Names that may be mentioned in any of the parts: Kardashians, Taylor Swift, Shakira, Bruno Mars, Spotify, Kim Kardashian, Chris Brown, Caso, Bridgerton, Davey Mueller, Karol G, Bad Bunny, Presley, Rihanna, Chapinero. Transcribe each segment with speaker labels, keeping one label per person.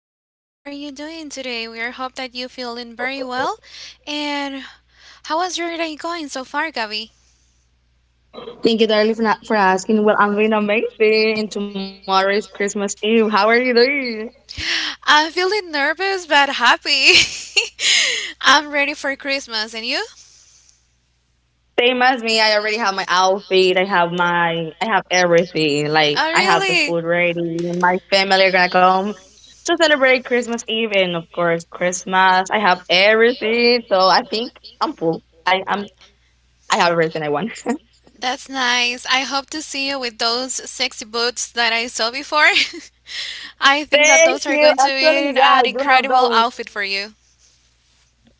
Speaker 1: Gabby. How are you doing today? We are hope that you feeling very well. And how was your day going so far, Gabby?
Speaker 2: Thank you, darling, for asking. Well, I'm doing amazing, and tomorrow is Christmas Eve. How are you doing?
Speaker 1: I'm feeling nervous but happy. I'm ready for Christmas, and you?
Speaker 2: Same as me. I already have my outfit. I have everything. Like
Speaker 1: Oh,
Speaker 2: I have the
Speaker 1: really?
Speaker 2: food ready. My family are gonna come to celebrate Christmas Eve, and of course Christmas. I have everything. So I think I'm full. I am. I have everything I want.
Speaker 1: That's nice. I hope to see you with those sexy boots that I saw before. I think that
Speaker 2: Thank
Speaker 1: those are
Speaker 2: you.
Speaker 1: going to
Speaker 2: Actually,
Speaker 1: be
Speaker 2: yeah,
Speaker 1: an
Speaker 2: I do have
Speaker 1: incredible
Speaker 2: those.
Speaker 1: outfit for you.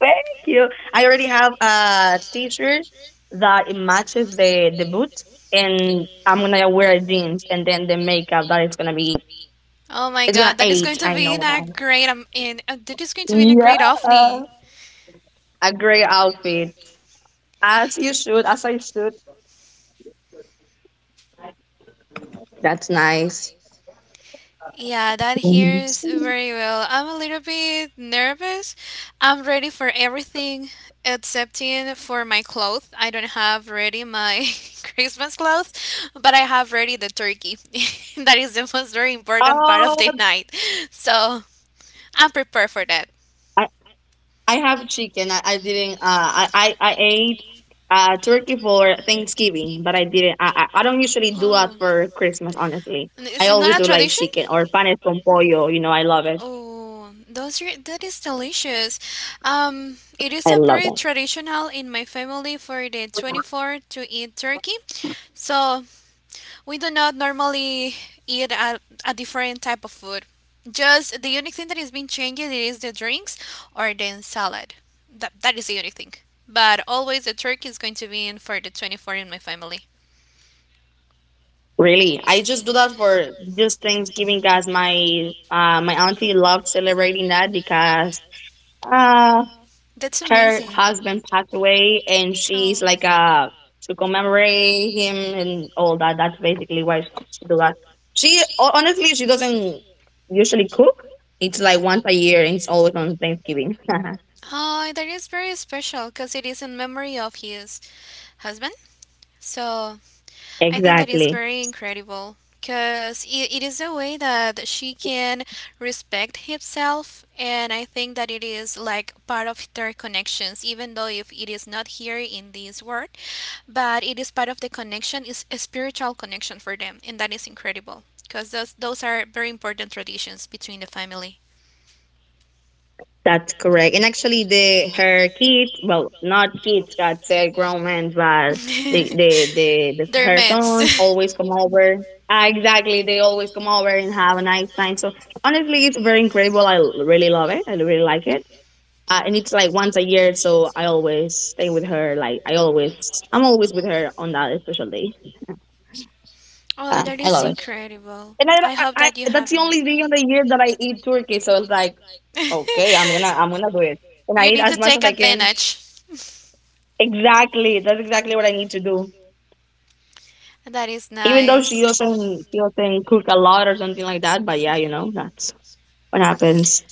Speaker 2: Thank you. I already have a t-shirt that it matches the boot, and I'm gonna wear jeans, and then the makeup that
Speaker 1: Oh my
Speaker 2: it's gonna
Speaker 1: god, that is going
Speaker 2: eight.
Speaker 1: to
Speaker 2: I
Speaker 1: be in
Speaker 2: know
Speaker 1: a
Speaker 2: that.
Speaker 1: great in that is going to be in a
Speaker 2: Yeah,
Speaker 1: great Ofni.
Speaker 2: a great outfit. As you should, as I should. That's nice.
Speaker 1: Yeah, that
Speaker 2: Oh,
Speaker 1: hears very well. I'm a little bit nervous. I'm ready for everything excepting for my clothes. I don't have ready my Christmas clothes, but I have ready the turkey. That is the most very important part of the night. So I'm prepared for that.
Speaker 2: I. I have chicken. I didn't. I ate turkey for Thanksgiving, but I didn't. I don't usually do that
Speaker 1: Oh.
Speaker 2: for Christmas. Honestly, I
Speaker 1: Is it
Speaker 2: always
Speaker 1: not a
Speaker 2: do like
Speaker 1: tradition?
Speaker 2: chicken or panes con pollo. You know, I love it.
Speaker 1: Oh, those are, that is delicious. It is
Speaker 2: I
Speaker 1: a
Speaker 2: love
Speaker 1: very
Speaker 2: it.
Speaker 1: traditional in my family for the 24th to eat turkey. So we do not normally eat a different type of food. Just the unique thing that is being changed is the drinks or the salad. That is the unique thing. But always the turkey is going to be in for the 24th in my family.
Speaker 2: Really, I just do that for just Thanksgiving, guys. My auntie loves celebrating that because uh
Speaker 1: That's
Speaker 2: her
Speaker 1: amazing.
Speaker 2: husband passed away and she's
Speaker 1: Oh.
Speaker 2: like to commemorate him and all that. That's basically why she do that. She honestly she doesn't usually cook. It's like once a year and it's always on Thanksgiving.
Speaker 1: That is very special because it is in memory of his husband. So I think that is
Speaker 2: Exactly.
Speaker 1: very incredible because it is a way that she can respect himself, and I think that it is like part of their connections even though if it is not here in this world, but it is part of the connection is a spiritual connection for them, and that is incredible because those are very important traditions between the family.
Speaker 2: That's correct. And actually, the her kids, well, not kids, that's grown men, but the, the the the her sons always come over. Exactly, they always come over and have a nice time. So honestly, it's very incredible. Really love it. I really like it. And it's like once a year, so I always stay with her. I'm always with her on that special day.
Speaker 1: Oh, that
Speaker 2: I
Speaker 1: is
Speaker 2: love
Speaker 1: yeah,
Speaker 2: it.
Speaker 1: incredible.
Speaker 2: And
Speaker 1: I hope you
Speaker 2: that's
Speaker 1: have
Speaker 2: the only day of the year that I eat turkey. So it's like, okay, I'm gonna do it and I
Speaker 1: yeah,
Speaker 2: eat
Speaker 1: you
Speaker 2: as much
Speaker 1: she
Speaker 2: as I can.
Speaker 1: advantage. Eats.
Speaker 2: Exactly. That's exactly what I need to do.
Speaker 1: That is even though
Speaker 2: Even though
Speaker 1: nice.
Speaker 2: she doesn't cook a lot or something like that, but yeah, that's what happens.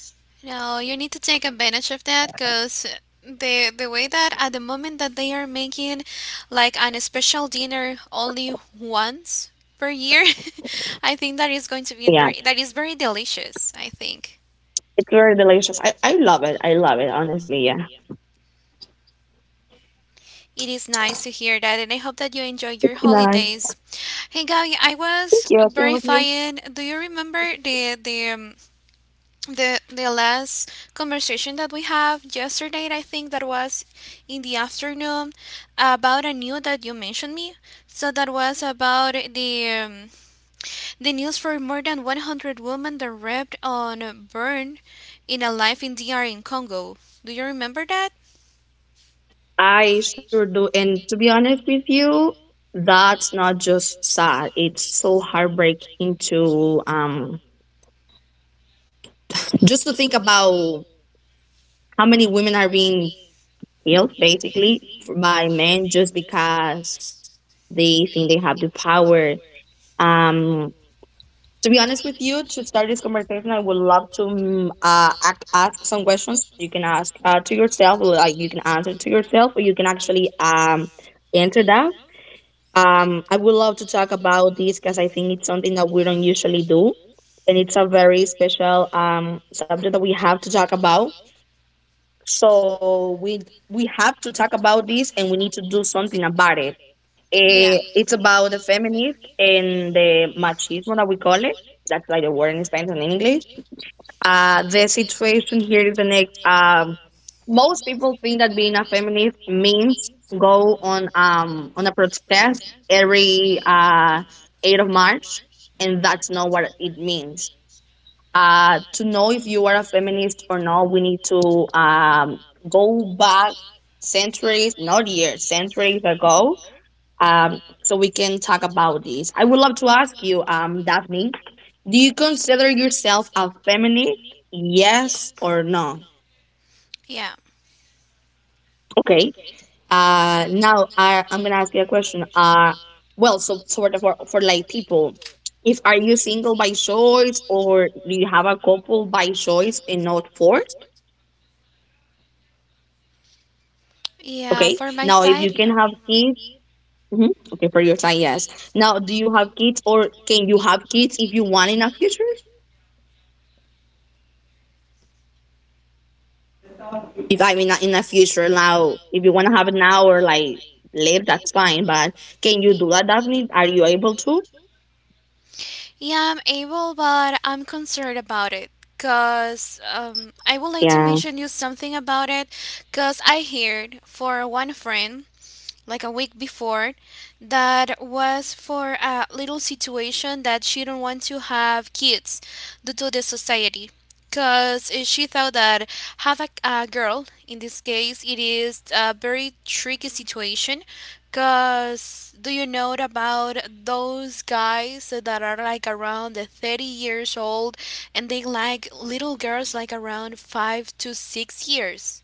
Speaker 1: No, you need to take advantage of that because the way that at the moment that they are making like an special dinner only once per year, I think that is going to be
Speaker 2: Yeah.
Speaker 1: very that is very delicious, I think.
Speaker 2: It's very delicious. I love it. I love it, honestly, yeah.
Speaker 1: It is nice to hear that, and I hope that you enjoy your
Speaker 2: It's nice.
Speaker 1: holidays. Hey, Gaby, I
Speaker 2: Thank
Speaker 1: was
Speaker 2: you. Same with you.
Speaker 1: verifying. Do you remember the the last conversation that we have yesterday? I think that was in the afternoon about a news that you mentioned me. So that was about the news for more than 100 women that raped on a burn in a life in dr in Congo. Do you remember that?
Speaker 2: I sure do. And to be honest with you, that's not just sad. It's so heartbreaking to just to think about how many women are being killed basically by men just because they think they have the power. Um, to be honest with you, to start this conversation, I would love to ask some questions you can ask to yourself, or, like you can answer to yourself, or you can actually answer that. I would love to talk about this because I think it's something that we don't usually do, and it's a very special subject that we have to talk about, so we have to talk about this, and we need to do something about it.
Speaker 1: Yeah,
Speaker 2: It's about the feminism and the machismo that we call it. That's like the word in Spanish and in English. The situation here is the next. Most people think that being a feminist means go on a protest every 8th of March, and that's not what it means. To know if you are a feminist or not, we need to go back centuries, not years, centuries ago, so we can talk about this. I would love to ask you, Daphne, do you consider yourself a feminist? Yes or no?
Speaker 1: yeah,
Speaker 2: Okay. Now I'm gonna ask you a question. Well, so sort of for like people, if are you single by choice or do you have a couple by choice and not force?
Speaker 1: yeah,
Speaker 2: Okay.
Speaker 1: for my
Speaker 2: Now, if
Speaker 1: side.
Speaker 2: you can
Speaker 1: Yeah.
Speaker 2: have kids, mhm, okay, for your time, yes. Now, do you have kids or can you have kids if you want in a future? If I mean, not in a future, now, if you want to have it now or like later, that's fine. But can you do that, Daphne? Are you able to?
Speaker 1: Yeah, I'm able, but I'm concerned about it because I would like to
Speaker 2: Yeah,
Speaker 1: mention you something about it because I heard for one friend like a week before that was for a little situation that she didn't want to have kids due to the society because she thought that have a girl in this case, it is a very tricky situation because do you know about those guys that are like around the 30 years old and they like little girls like around 5 to 6 years?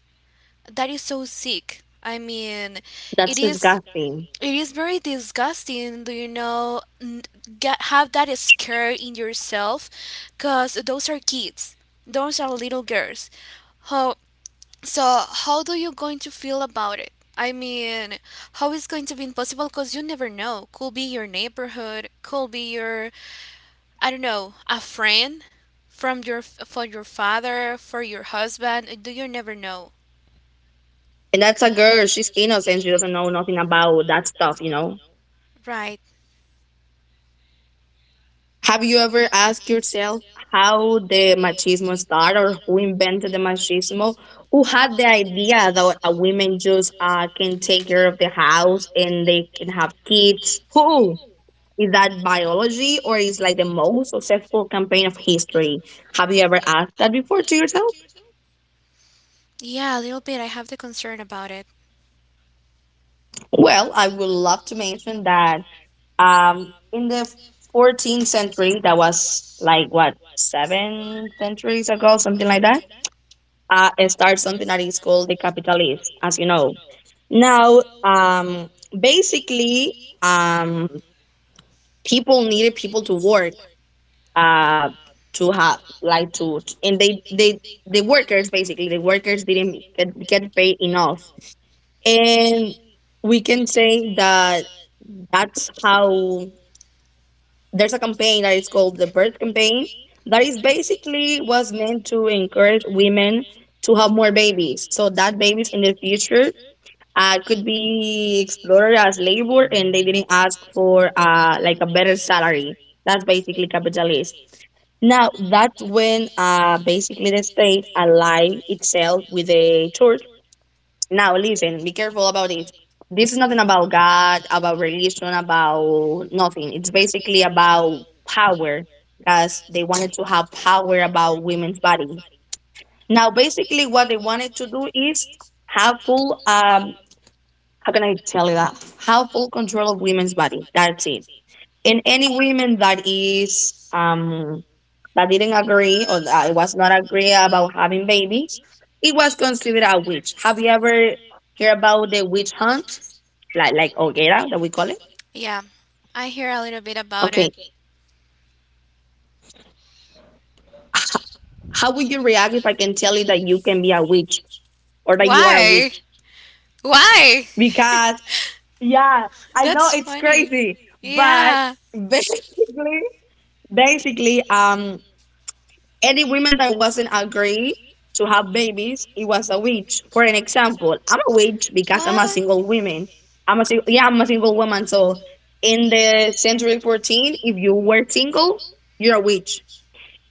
Speaker 1: That is so sick. I mean, it
Speaker 2: that's
Speaker 1: is
Speaker 2: disgusting.
Speaker 1: it is very disgusting, do you know, get, have that scare in yourself, cuz those are kids. Those are little girls. How so how do you going to feel about it? I mean, how is going to be impossible cuz you never know. Could be your neighborhood, could be your I don't know, a friend from your for your father, for your husband, do you never know.
Speaker 2: And that's a girl. She's innocent. She doesn't know nothing about that stuff, you know?
Speaker 1: Right.
Speaker 2: Have you ever asked yourself how the machismo started or who invented the machismo? Who had the idea that a women just can take care of the house and they can have kids? Who? Is that biology or is like the most successful campaign of history? Have you ever asked that before to yourself?
Speaker 1: Yeah, a little bit. I have the concern about it.
Speaker 2: Well, I would love to mention that in the 14th century, that was like what, seven centuries ago, something like that. Start something that is called the capitalist, as you know. Now, basically, um, people needed people to work uh, to have like and they the workers basically the workers didn't get paid enough, and we can say that that's how there's a campaign that is called the birth campaign that is basically was meant to encourage women to have more babies so that babies in the future it could be explored as labor and they didn't ask for like a better salary. That's basically capitalism. Now that's when basically the state allied itself with the church. Now listen, be careful about this, this is nothing about God, about religion, about nothing. It's basically about power because they wanted to have power about women's body. Now basically what they wanted to do is have full how can I tell you that? Have full control of women's body. That's it. And any women that is that didn't agree or that was not agree about having babies, it was considered a witch. Have you ever heard about the witch hunt? Like hoguera that we call it?
Speaker 1: Yeah, I hear a little bit about
Speaker 2: Okay.
Speaker 1: it.
Speaker 2: How would you react if I can tell you that you can be a witch or that you are a
Speaker 1: Why? Okay.
Speaker 2: witch?
Speaker 1: Why?
Speaker 2: Because yeah, I know
Speaker 1: That's
Speaker 2: it's
Speaker 1: funny.
Speaker 2: crazy, but
Speaker 1: Yeah.
Speaker 2: basically basically any woman that wasn't agree to have babies, it was a witch. For an example, I'm a witch because I'm a
Speaker 1: What?
Speaker 2: single woman. Yeah, I'm a single woman. So in the century 14, if you were single, you're a witch.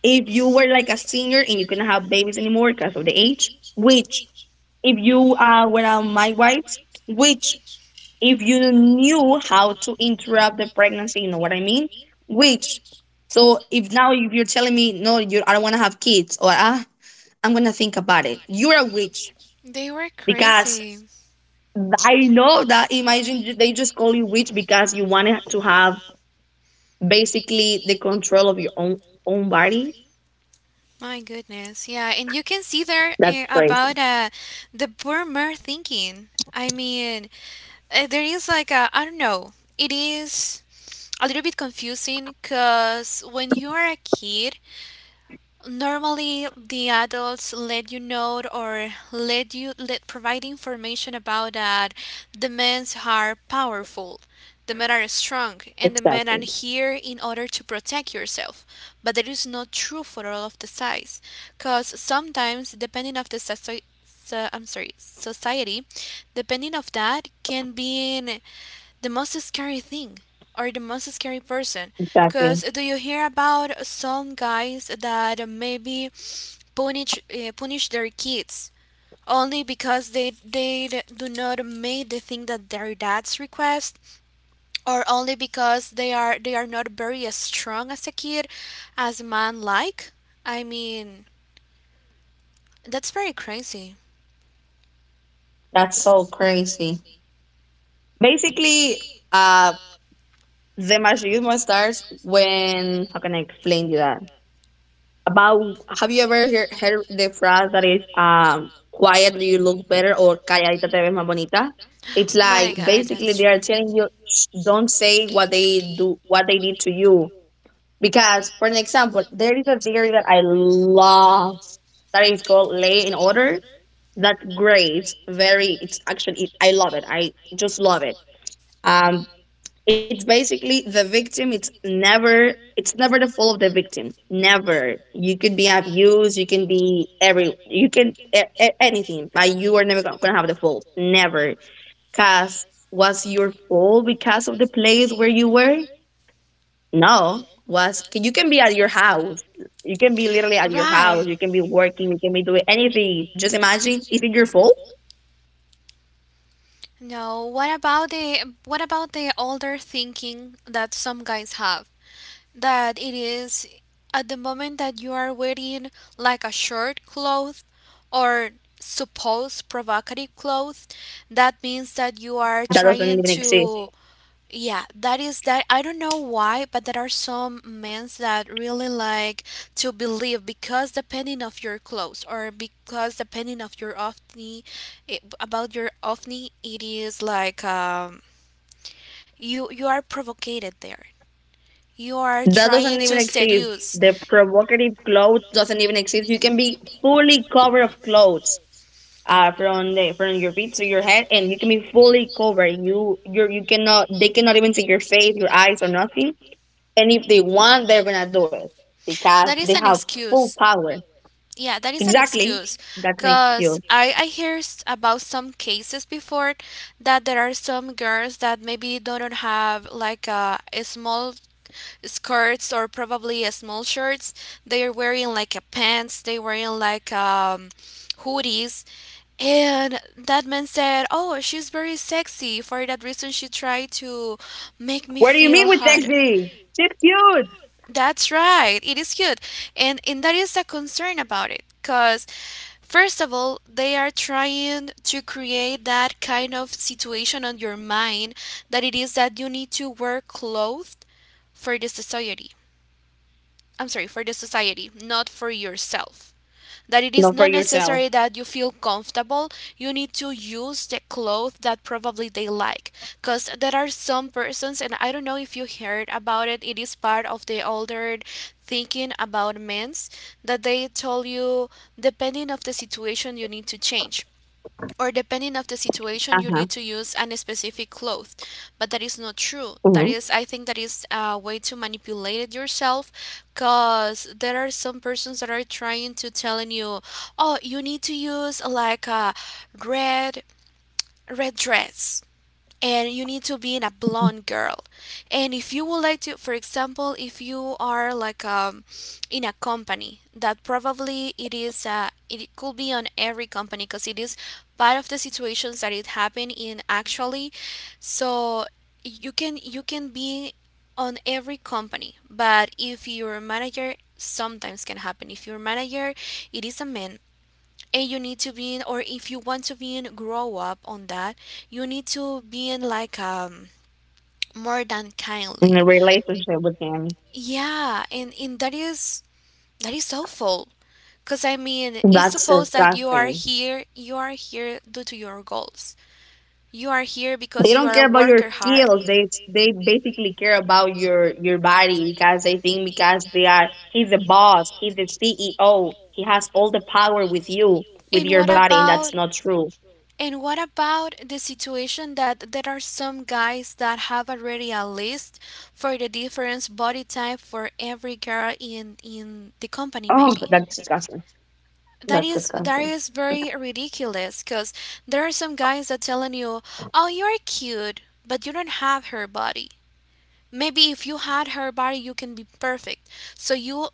Speaker 2: If you were like a senior and you couldn't have babies anymore because of the age, witch. If you were a my wife, witch. If you knew how to interrupt the pregnancy, you know what I mean? Which, so if now if you're telling me, no, you, I don't want to have kids, or ah, I'm going to think about it, you're a witch
Speaker 1: They were
Speaker 2: because
Speaker 1: crazy.
Speaker 2: I know that imagine they just call you witch because you wanted to have basically the control of your own body.
Speaker 1: My goodness. Yeah, and you can see there
Speaker 2: That's crazy.
Speaker 1: about the boomer thinking. I mean, there is like a, I don't know, it is a little bit confusing because when you are a kid, normally, the adults let you know or let you let provide information about that the men are powerful, the men are strong, and the men are
Speaker 2: Exactly.
Speaker 1: here in order to protect yourself. But that is not true for all of the size, because sometimes, depending of the society, depending of that, can be the most scary thing or the most scary person because
Speaker 2: Exactly.
Speaker 1: do you hear about some guys that maybe punish punish their kids only because they do not make the thing that their dads request or only because they are not very strong as a kid as man, like I mean, that's very crazy.
Speaker 2: That's so crazy. Basically, uh, the machismo starts when how can I explain you that? About have you ever heard the phrase that is quiet you look better or calladita te ves más bonita? It's like
Speaker 1: My god,
Speaker 2: basically
Speaker 1: that's
Speaker 2: they
Speaker 1: true.
Speaker 2: are telling you "Shh, don't say what they do what they did to you." Because for an example there is a theory that I love that is called lay in order. That's great, very, it's actually I love it. I just love it. um it's basically the victim. It's never the fault of the victim. Never. You could be abused. You can be every. You can anything. Like you are never gonna have the fault. Never. Cause was your fault because of the place where you were? No. Was you can be at your house. You can be literally at your house.
Speaker 1: Right.
Speaker 2: You can be working. You can be doing anything. Just imagine. Is it your fault?
Speaker 1: No, what about the older thinking that some guys have? That it is at the moment that you are wearing like a short cloth or supposed provocative cloth, that means that you are
Speaker 2: That doesn't
Speaker 1: trying
Speaker 2: even exist.
Speaker 1: to yeah, that is that. I don't know why, but there are some men that really like to believe because depending of your clothes or because depending of your ovni, it, about your ovni, it is like you are provoked there. You are
Speaker 2: That
Speaker 1: trying
Speaker 2: doesn't
Speaker 1: to
Speaker 2: even exist.
Speaker 1: seduce.
Speaker 2: The provocative clothes doesn't even exist. You can be fully covered of clothes, from the from your feet to your head, and you can be fully covered. You cannot. They cannot even see your face, your eyes, or nothing. And if they want, they're gonna do it because
Speaker 1: That
Speaker 2: they
Speaker 1: is an
Speaker 2: have full
Speaker 1: excuse.
Speaker 2: power.
Speaker 1: Yeah, that is an
Speaker 2: Exactly.
Speaker 1: excuse.
Speaker 2: That makes
Speaker 1: Because
Speaker 2: you.
Speaker 1: I hear about some cases before that there are some girls that maybe don't have like a small skirts or probably a small shirts. They are wearing like a pants, they wearing like hoodies. And that man said, "Oh, she's very sexy. For that reason, she tried to make me
Speaker 2: Where do you
Speaker 1: feel
Speaker 2: meet with
Speaker 1: hot."
Speaker 2: Sexy? She's cute.
Speaker 1: That's right. It is huge. And that is a concern about it because first of all, they are trying to create that kind of situation on your mind that it is that you need to wear clothes for the society. I'm sorry, for the society, not for yourself, that it is
Speaker 2: Not for
Speaker 1: not
Speaker 2: yourself.
Speaker 1: necessary that you feel comfortable. You need to use the clothes that probably they like. Because there are some persons, and I don't know if you heard about it, it is part of the older thinking about men's that they told you depending of the situation you need to change or depending of the
Speaker 2: Uh
Speaker 1: situation you
Speaker 2: huh.
Speaker 1: need to use an specific cloth, but that is not true.
Speaker 2: Hmm.
Speaker 1: That is, I think that is a way to manipulate it yourself because there are some persons that are trying to telling you, "Oh, you need to use like a red red dress and you need to be in a blonde girl." And if you would like to, for example, if you are like in a company that probably it is it could be on every company because it is part of the situations that it happened in actually, so you can be on every company, but if your manager sometimes can happen, if your manager it is a man and you need to be in or if you want to be in grow up on that, you need to be in like more than
Speaker 2: In
Speaker 1: kindly.
Speaker 2: a relationship with him.
Speaker 1: Yeah. And that is awful because I mean, it's
Speaker 2: That's
Speaker 1: supposed that you are
Speaker 2: disgusting.
Speaker 1: here, you are here due to your goals, you are here
Speaker 2: They
Speaker 1: because you
Speaker 2: don't
Speaker 1: are a
Speaker 2: care about your
Speaker 1: worker hard.
Speaker 2: skills. They basically care about your body because they think because they are he's the boss, he's the CEO, he has all the power with you, with
Speaker 1: And
Speaker 2: your
Speaker 1: what
Speaker 2: body, and that's
Speaker 1: about
Speaker 2: not true.
Speaker 1: and what about the situation that there are some guys that have already a list for the different body type for every girl in the company
Speaker 2: Oh,
Speaker 1: maybe?
Speaker 2: that's disgusting. That's
Speaker 1: That
Speaker 2: disgusting.
Speaker 1: is very ridiculous because there are some guys that telling you, "Oh, you're cute, but you don't have her body. Maybe if you had her body, you can be perfect." So you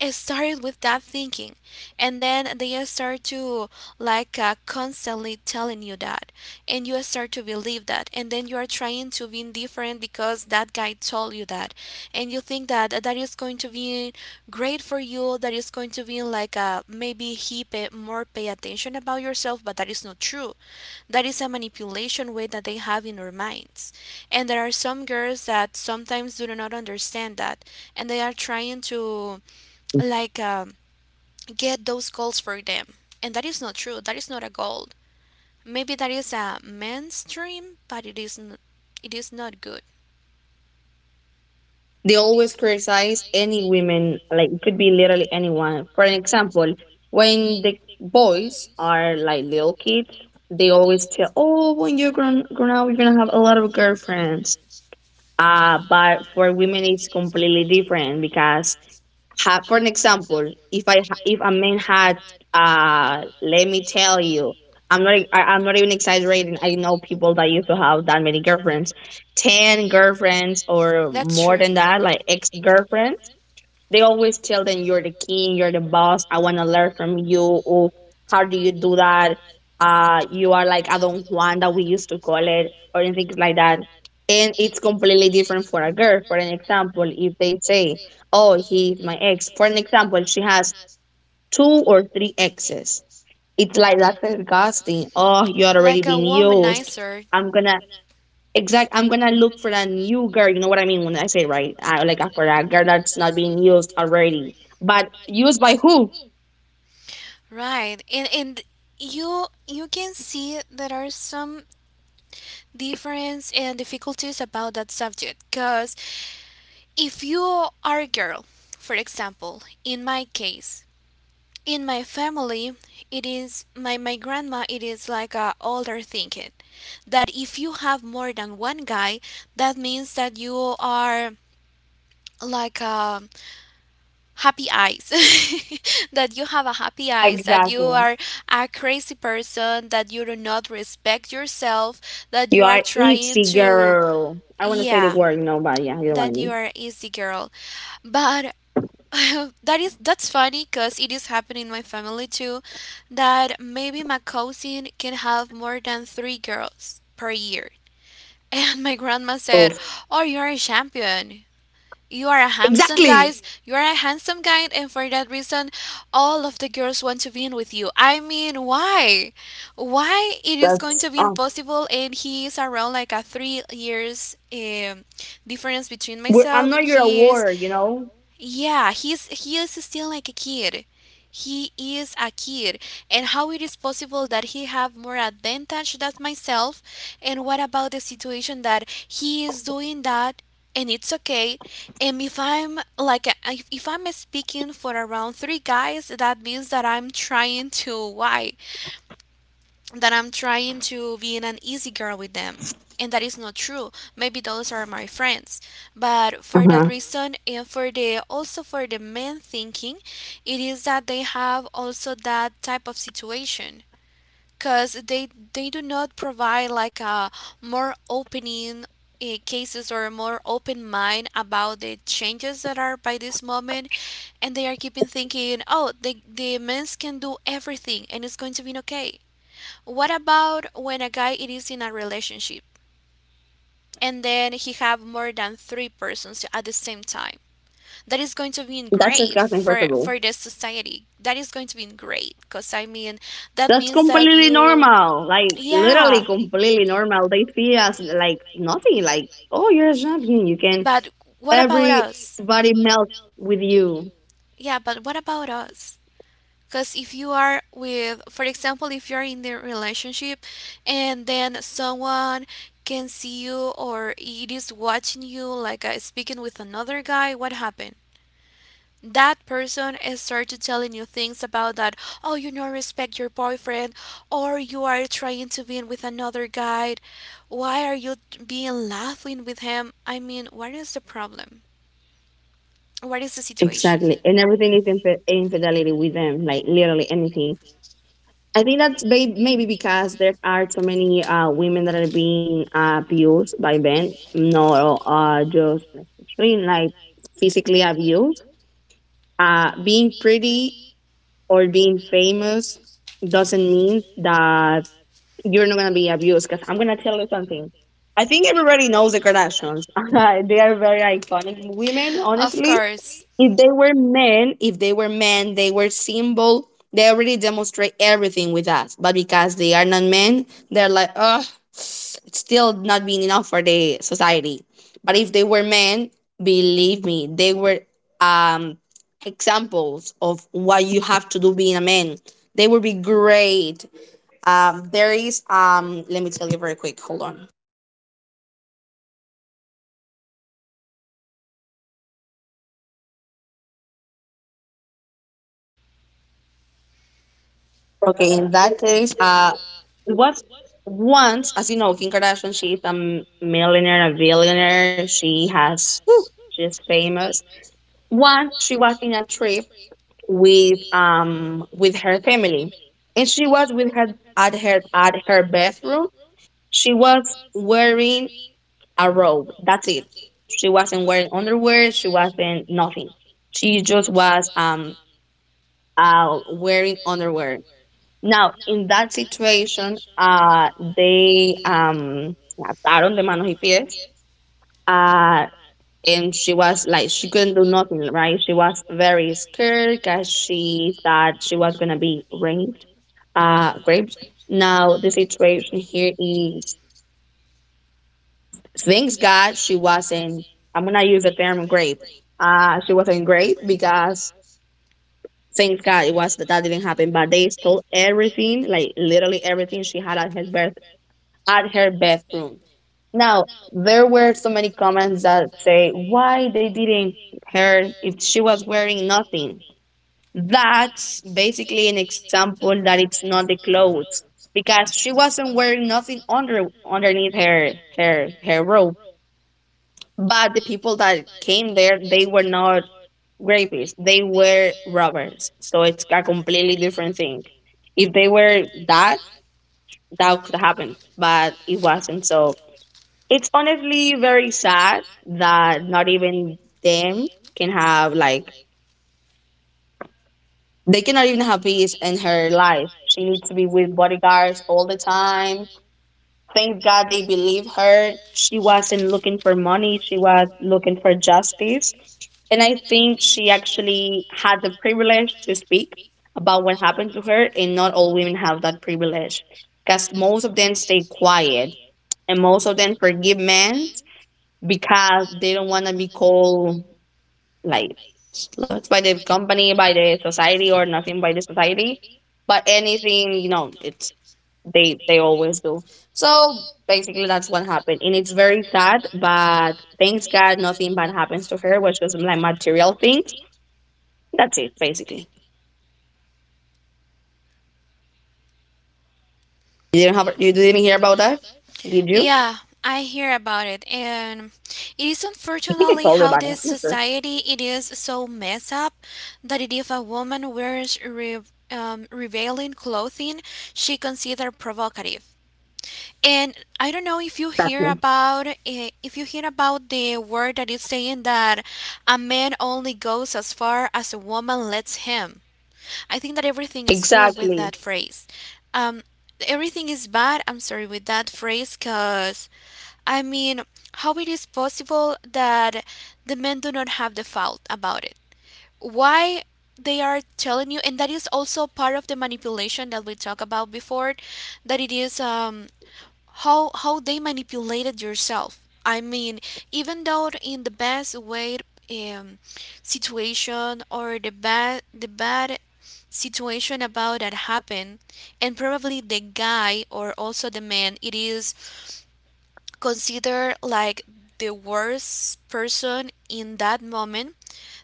Speaker 1: started with that thinking, and then they start to like constantly telling you that, and you start to believe that, and then you are trying to be different because that guy told you that, and you think that that is going to be great for you, that is going to be like maybe he pay more pay attention about yourself, but that is not true. That is a manipulation way that they have in their minds. And there are some girls that sometimes do not understand that and they are trying to like get those goals for them. And that is not true. That is not a goal. Maybe that is a man's dream, but it it is not good.
Speaker 2: They always criticize any women, like it could be literally anyone. For an example, when the boys are like little kids, they always tell, "Oh, when you're grown up, you're gonna have a lot of girlfriends." But for women, it's completely different because, for an example, if if a man had, let me tell you, I'm not even exaggerating. I know people that used to have that many girlfriends, ten
Speaker 1: Ten
Speaker 2: girlfriends
Speaker 1: girlfriends.
Speaker 2: or
Speaker 1: That's or
Speaker 2: more
Speaker 1: true.
Speaker 2: than
Speaker 1: More than
Speaker 2: that, like
Speaker 1: that, like
Speaker 2: ex
Speaker 1: ex
Speaker 2: girlfriends.
Speaker 1: girlfriend.
Speaker 2: They always tell them, "You're the king, you're the boss. I want to learn from you. Or how do you do that? You are like a Don Juan," that we used to call it, or anything like that. And it's completely different for a girl. For an example, if they say, "Oh, he's my ex," for an example, she has two or three exes. It's like,
Speaker 1: It's
Speaker 2: that's
Speaker 1: like that's
Speaker 2: disgusting.
Speaker 1: disgusting.
Speaker 2: Oh,
Speaker 1: Oh,
Speaker 2: you're
Speaker 1: I like
Speaker 2: already
Speaker 1: a don't
Speaker 2: being
Speaker 1: even do it.
Speaker 2: used.
Speaker 1: Womanizer,
Speaker 2: I'm gonna Exact. I'm gonna look for that new girl. You know what I mean when I say right? For that girl that's not being used already, but used by who?
Speaker 1: right? And you can see there are some difference and difficulties about that subject, because if you are a girl, for example, in my case, in my family, it is my grandma, it is like a older thinking that if you have more than one guy, that means that you are like a happy eyes that you have a happy
Speaker 2: Aha,
Speaker 1: eyes, that you
Speaker 2: exactly.
Speaker 1: are a crazy person, that you do not respect yourself, that
Speaker 2: You
Speaker 1: you are
Speaker 2: are
Speaker 1: trying
Speaker 2: easy
Speaker 1: to,
Speaker 2: girl. I want to say the
Speaker 1: yeah,
Speaker 2: word, but yeah, you know what I
Speaker 1: that you
Speaker 2: mean.
Speaker 1: are easy girl, but that is, that's funny because it is happening in my family too, that maybe my cousin can have more than three girls per year and my grandma said,
Speaker 2: Oof.
Speaker 1: oh, you're a champion, you are a handsome
Speaker 2: Exactly.
Speaker 1: guys, You are a handsome guy, and for that reason, all of the girls want to be in with you. I mean, why? Why it is going
Speaker 2: That's.
Speaker 1: to be
Speaker 2: Uh,
Speaker 1: impossible? And he is around like a 3 years difference between
Speaker 2: I'm
Speaker 1: myself.
Speaker 2: not your
Speaker 1: He is,
Speaker 2: award,
Speaker 1: yeah, he is still like a kid. He is a kid, and how it is possible that he have more advantage than myself? And what about the situation that he is doing that, and it's okay, and if I'm like if I'm speaking for around three guys, that means that I'm trying to, why, that I'm trying to be an easy girl with them. And that is not true. Maybe those are my friends. But for that
Speaker 2: Uh-huh.
Speaker 1: reason, and for the, also for the men thinking, it is that they have also that type of situation because they do not provide like a more opening cases or a more open mind about the changes that are by this moment, and they are keeping thinking, oh, the men's can do everything and it's going to be okay. What about when a guy it is in a relationship and then he have more than three persons at the same time? That is going to be
Speaker 2: That's
Speaker 1: great
Speaker 2: disgusting. First of all.
Speaker 1: for the society. That is going to be great because, I mean, that
Speaker 2: That's
Speaker 1: means that
Speaker 2: completely
Speaker 1: you,
Speaker 2: normal. Like literally
Speaker 1: yeah.
Speaker 2: completely normal. They feel as like nothing. Like, oh, you're a champion. You can
Speaker 1: But what about us?
Speaker 2: everybody melts with you.
Speaker 1: Yeah, but what about us? Because if you are with, for example, if you're in the relationship and then someone can see you or it is watching you like speaking with another guy, what happened? That person is started telling you things about that, oh, you don't respect your boyfriend, or you are trying to be with another guy, why are you being laughing with him? I mean, what is the problem? What is the situation
Speaker 2: Exactly, and everything is infidelity with them. Like literally anything. I think that's maybe because there are so many women that are being abused by men. No, just extreme like physically abused. Being pretty or being famous doesn't mean that you're not gonna be abused. Because I'm gonna tell you something. I think everybody knows the Kardashians. They are very iconic women.
Speaker 1: of
Speaker 2: Honestly,
Speaker 1: course.
Speaker 2: if they were men, if they were men, they were simple. They already demonstrate everything with us. But because they are not men, they're like, ugh, it's still not being enough for the society. But if they were men, believe me, they were um examples of what you have to do being a man. They would be great. There is let me tell you very quick. Hold on. Okay, in that case, it was once, as you know, Kim Kardashian, she is a millionaire, a billionaire. She has, whew, she's famous. Once she was in a trip with her family, and she was with her at her bathroom. She was wearing a robe. That's it. She wasn't wearing underwear. She wasn't nothing. She just was wearing underwear. Now, in that situation, they la ataron de manos y pies. Uh, and she was like, she couldn't do nothing, right? She was very scared because she thought she was going to be raped. Raped. Now, the situation here is, thanks God, she wasn't, I'm going to use the term rape. She wasn't raped because thank God it was that didn't happen. But they stole everything, like literally everything she had at her birth at her bedroom. Now there were so many comments that say why they didn't her if she was wearing nothing. That's basically an example that it's not the clothes because she wasn't wearing nothing underneath her robe, but the people that came there, they were not rapists. They were robbers. So it's a completely different thing. If they were that, that could happen, but it wasn't. So it's honestly very sad that not even them can have, like, they cannot even have peace in her life. She needs to be with bodyguards all the time. Thank God they believe her. She wasn't looking for money, she was looking for justice. And I think she actually had the privilege to speak about what happened to her, and not all women have that privilege because most of them stay quiet and most of them forgive men because they don't want to be called like sluts by the company, by the society, or nothing by the society. But anything, you know, it's they always do. So basically, that's what happened, and it's very sad. But thanks God, nothing bad happens to her, which was like material things. That's it, basically. You didn't hear about that, did you?
Speaker 1: Yeah, I hear about it, and it is,
Speaker 2: I think I
Speaker 1: unfortunately,
Speaker 2: told you
Speaker 1: how
Speaker 2: about it. I'm
Speaker 1: this
Speaker 2: not sure.
Speaker 1: society it is so messed up that it if a woman wears revealing clothing, she considered provocative. And I don't know if you hear
Speaker 2: Exactly.
Speaker 1: about if you hear about the word that is saying that a man only goes as far as a woman lets him. I think that everything is good with
Speaker 2: Exactly.
Speaker 1: that phrase. Um, Everything is bad. I'm sorry, with that phrase, cause I mean, how it is possible that the men do not have the fault about it? Why they are telling you? And that is also part of the manipulation that we talked about before, that it is
Speaker 2: Hmm?
Speaker 1: how they manipulated yourself. I mean, even though in the best way um, situation or the bad, the bad situation about that happened, and probably the guy or also the man, it is considered like the worst person, in that moment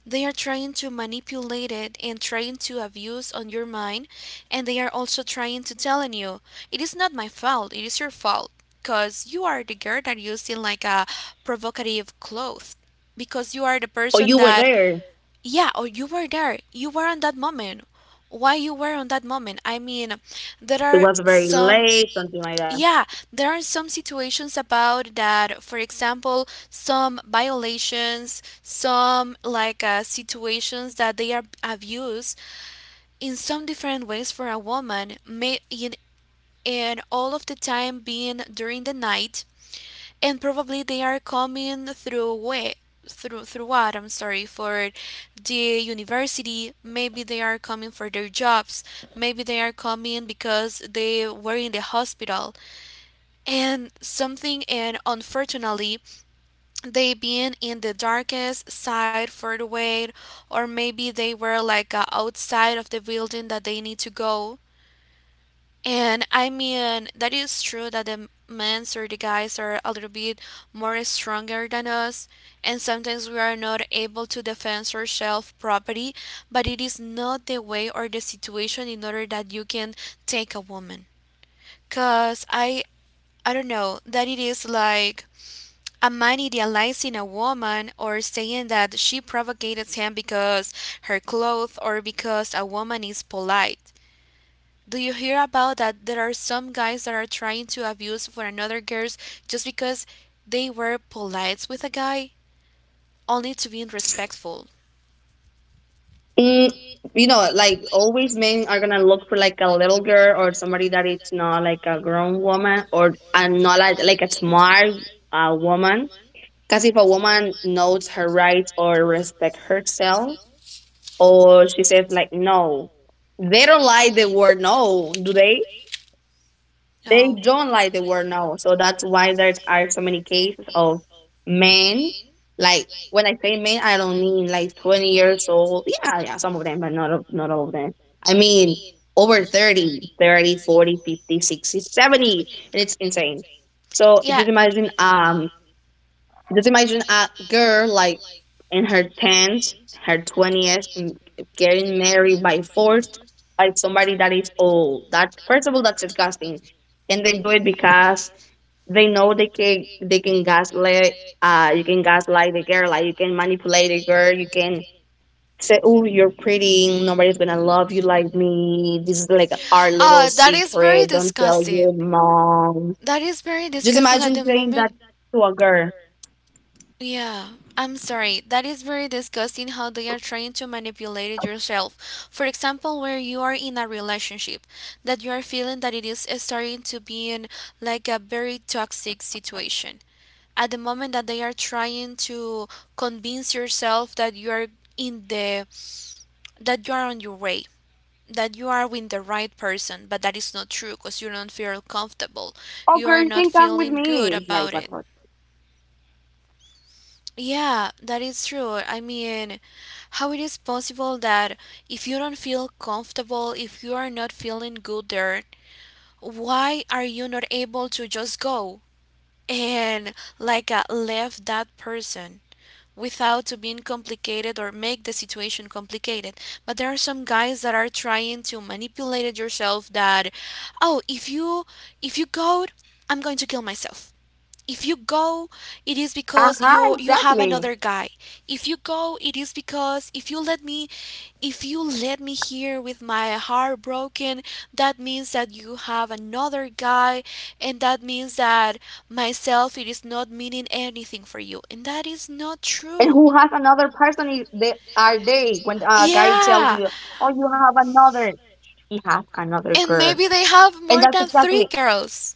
Speaker 1: they are trying to manipulate it and trying to abuse on your mind, and they are also trying to telling you it is not my fault, it is your fault because you are the girl that using like a provocative clothes, because you are the
Speaker 2: Or
Speaker 1: person
Speaker 2: you were
Speaker 1: that,
Speaker 2: there.
Speaker 1: yeah, or you were there. You were on that moment. Why you were on that moment? I mean, there
Speaker 2: It
Speaker 1: are
Speaker 2: was very
Speaker 1: some,
Speaker 2: late, something like that.
Speaker 1: yeah, there are some situations about that. For example, some violations, some like situations that they are abused in some different ways for a woman, may in and all of the time being during the night, and probably they are coming through way through what? I'm sorry, for the university, maybe they are coming for their jobs, maybe they are coming because they were in the hospital and something, and unfortunately they been in the darkest side for the way, or maybe they were like outside of the building that they need to go. And I mean, that is true that the men's or the guys are a little bit more stronger than us, and sometimes we are not able to defend ourselves properly, but it is not the way or the situation in order that you can take a woman. Cause I don't know that it is like a man idealizing a woman or saying that she provocated him because her clothes, or because a woman is polite. Do you hear about that there are some guys that are trying to abuse for another girls just because they were polite with a guy only to be respectful?
Speaker 2: Mm, you know, like always men are gonna look for like a little girl or somebody that it's not like a grown woman or and not like a smart woman. Because if a woman knows her rights or respect herself, or she says like no, they don't like the word no, do they? They
Speaker 1: No.
Speaker 2: don't like the word no. So that's why there are so many cases of men. Like when I say men, I don't mean like 20 years old. Yeah, yeah, some of them, but not all of them. I mean over 30, 30, 40, 50, 60, 70. And it's insane. So
Speaker 1: Yeah.
Speaker 2: just imagine a girl like in her 10s, her 20s, getting married by force by somebody that is old. That first of all, that's disgusting, and they do it because they know they can gaslight. You can gaslight the girl, like you can manipulate the girl. You can say, "Oh, you're pretty. Nobody's gonna love you like me. This is like our little
Speaker 1: Oh, that is very
Speaker 2: secret. Don't tell
Speaker 1: disgusting.
Speaker 2: your mom."
Speaker 1: That is very
Speaker 2: Just
Speaker 1: disgusting at
Speaker 2: imagine
Speaker 1: the
Speaker 2: saying that
Speaker 1: moment.
Speaker 2: to a girl.
Speaker 1: Yeah, I'm sorry. That is very disgusting how they are trying to manipulate yourself. For example, where you are in a relationship, that you are feeling that it is starting to be in like a very toxic situation. At the moment that they are trying to convince yourself that you are in the, that you are on your way, that you are with the right person, but that is not true because you don't feel comfortable.
Speaker 2: Oh,
Speaker 1: You
Speaker 2: girl,
Speaker 1: are
Speaker 2: you
Speaker 1: not
Speaker 2: can come with
Speaker 1: feeling good
Speaker 2: me. Like,
Speaker 1: about
Speaker 2: what?
Speaker 1: it.
Speaker 2: What?
Speaker 1: Yeah, that is true. I mean, how it is possible that if you don't feel comfortable, if you are not feeling good there, why are you not able to just go and like left that person without to being complicated or make the situation complicated? But there are some guys that are trying to manipulate it yourself, that, oh, if you, if you go, I'm going to kill myself. If you go, it is
Speaker 2: Uh
Speaker 1: because
Speaker 2: huh,
Speaker 1: you have
Speaker 2: exactly.
Speaker 1: another guy. If you go, it is because if you let me, if you let me here with my heart broken, that means that you have another guy, and that means that myself, it is not meaning anything for you. And that is not
Speaker 2: And
Speaker 1: true.
Speaker 2: who has another person? Is they are they when a guy tells
Speaker 1: Yeah,
Speaker 2: you, "Oh, you have another." He has another
Speaker 1: and
Speaker 2: girl,
Speaker 1: maybe they have
Speaker 2: and
Speaker 1: more
Speaker 2: that's
Speaker 1: than three
Speaker 2: exactly
Speaker 1: girls.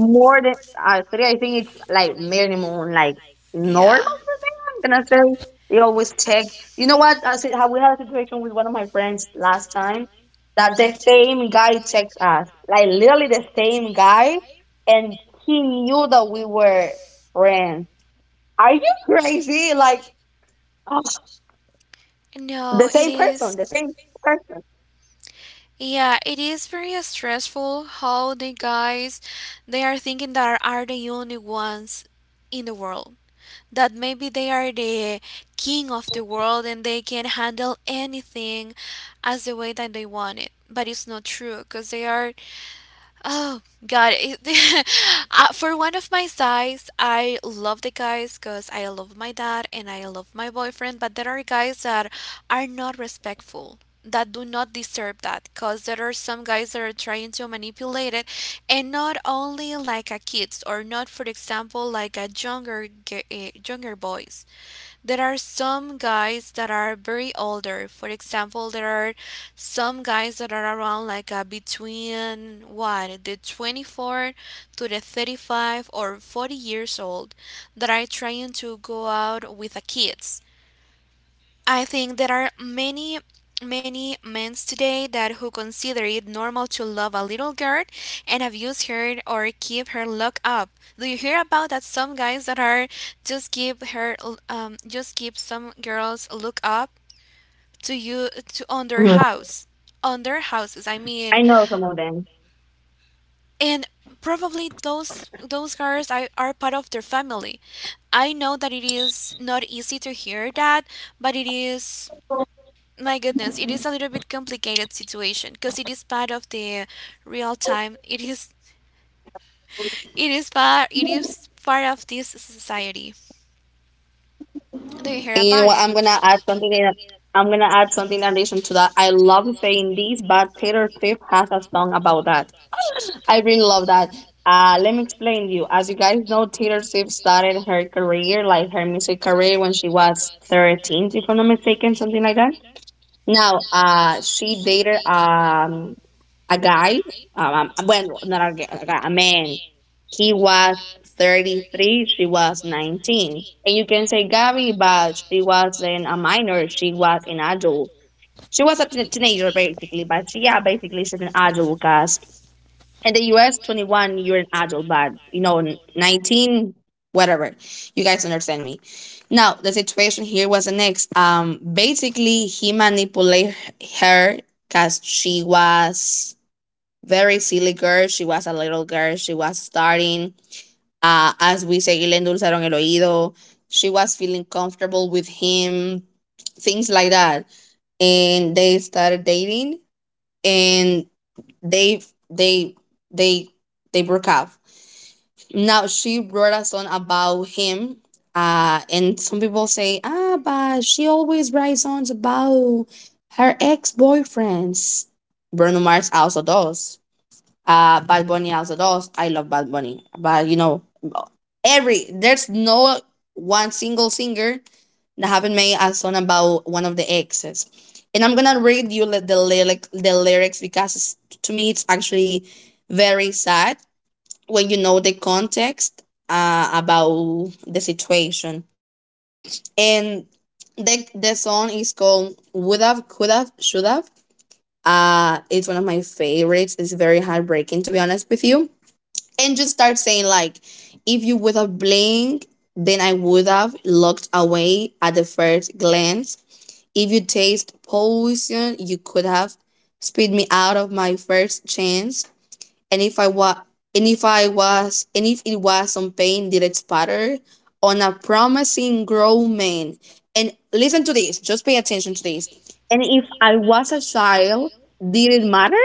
Speaker 2: more than three. I think it's like minimum, like normal
Speaker 1: Yeah,
Speaker 2: for them. I'm gonna say they always check. You know what? I said, how we had a situation with one of my friends last time that the same guy checked us, like literally the same guy, and he knew that we were friends. Are you crazy? Like the
Speaker 1: no, it
Speaker 2: same person,
Speaker 1: is.
Speaker 2: the same person.
Speaker 1: Yeah, it is very stressful how the guys they are thinking that are the only ones in the world. That maybe they are the king of the world and they can handle anything as the way that they want it. But it's not true because they are. Oh God! It- For one of my size, I love the guys because I love my dad and I love my boyfriend. But there are guys that are not respectful, that do not deserve that, because there are some guys that are trying to manipulate it, and not only like a kids or not, for example, like a younger boys. There are some guys that are very older. For example, there are some guys that are around like between what the 24 to the 35 or 40 years old that are trying to go out with the kids. I think there are many men today that who consider it normal to love a little girl and abuse her or keep her locked up. Do you hear about that some guys that are just keep her just keep some girls locked up to you to on their
Speaker 2: Mhm.
Speaker 1: house, on their houses? I mean,
Speaker 2: I know some of them.
Speaker 1: and probably those girls are part of their family. I know that it is not easy to hear that, but it is. My goodness, it is a little bit complicated situation because it is part of the real time. It is, it is part, it is part of this society. Do you
Speaker 2: And
Speaker 1: hear
Speaker 2: you know
Speaker 1: about
Speaker 2: what?
Speaker 1: it?
Speaker 2: I'm gonna add something. I'm gonna add something in addition to that. I love saying this, but Taylor Swift has a song about that. I really love that. Let me explain you. As you guys know, Taylor Swift started her career, like her music career, when she was 13, if I'm not mistaken, something like that. Now, she dated a guy, well, not a guy, a man. He was 33, she was 19. And you can say Gabby, but she was then a minor, she was an adult. She was a teenager, basically, but she, yeah, basically, she's an adult because in the US, 21, you're an adult, but you know, 19, whatever. You guys understand me. Now, the situation here was the next. Basically, he manipulated her because she was very silly girl. She was a little girl. She was starting, as we say, le endulzaron el oído. She was feeling comfortable with him, things like that. And they started dating, and they they they they broke up. Now she wrote a song about him. And some people say, ah, but she always writes songs about her ex boyfriends. Bruno Mars also does. Bad Bunny also does. I love Bad Bunny, but you know, every there's no one single singer that haven't made a song about one of the exes. And I'm gonna read you the lyric, the lyrics because it's, to me it's actually very sad when you know the context about the situation. And the song is called Would Have, Could Have, Should Have. It's one of my favorites. It's very heartbreaking to be honest with you and just start saying like, if you would have blinked then I would have looked away at the first glance, if you taste poison you could have spit me out of my first chance, and if I was and if it was some pain did it spatter on a promising grown man, and listen to this, just pay attention to this, and if I was a child did it matter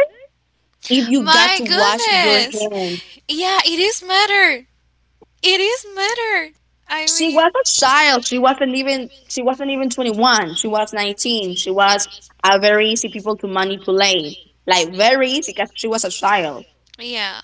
Speaker 2: if you got
Speaker 1: My
Speaker 2: to wash your
Speaker 1: goodness.
Speaker 2: hands.
Speaker 1: Yeah, it is matter. It is matter. I
Speaker 2: She
Speaker 1: mean,
Speaker 2: was a child. She wasn't even 21. She was 19. She was a very easy people to manipulate. Like very easy because she was a child.
Speaker 1: yeah,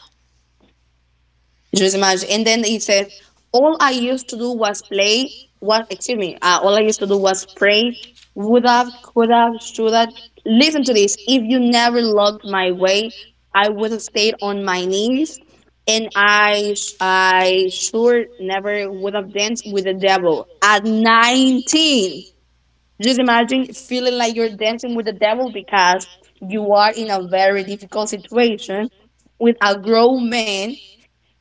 Speaker 2: Just imagine. And then he says, all I used to do was play, what, excuse me, all I used to do was pray, would have, could have, should have. Listen to this. If you never looked my way, I would have stayed on my knees. And I, I sure never would have danced with the devil at 19. Just imagine feeling like you're dancing with the devil because you are in a very difficult situation with a grown man,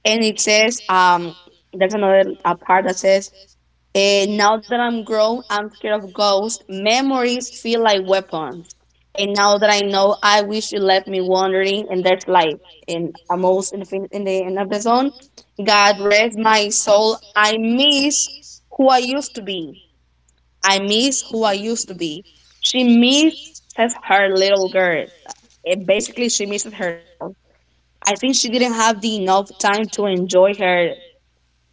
Speaker 2: and it says, there's another part that says, now that I'm grown, I'm scared of ghosts, memories feel like weapons, and now that I know, I wish you left me wandering. And that's life. And almost in the, in the end of the zone, God rest my soul, I miss who I used to be, I miss who I used to be. She misses her little girl. Basically, she misses herself. I think she didn't have the enough time to enjoy her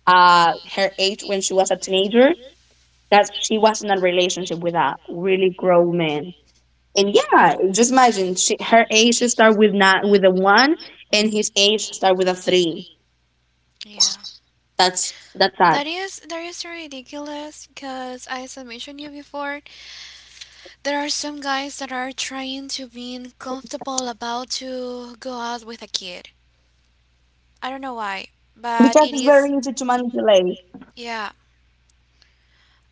Speaker 2: uh, her age when she was a teenager, that she was in a relationship with a really grown man. And yeah, just imagine, her age should start with not with a one, and his age should start with a three.
Speaker 1: yeah.
Speaker 2: That's sad
Speaker 1: That is, that is ridiculous because, as I mentioned you before, there are some guys that are trying to be comfortable about to go out with a kid. I don't know why, but
Speaker 2: because
Speaker 1: it
Speaker 2: it's very
Speaker 1: is,
Speaker 2: easy to manipulate.
Speaker 1: yeah.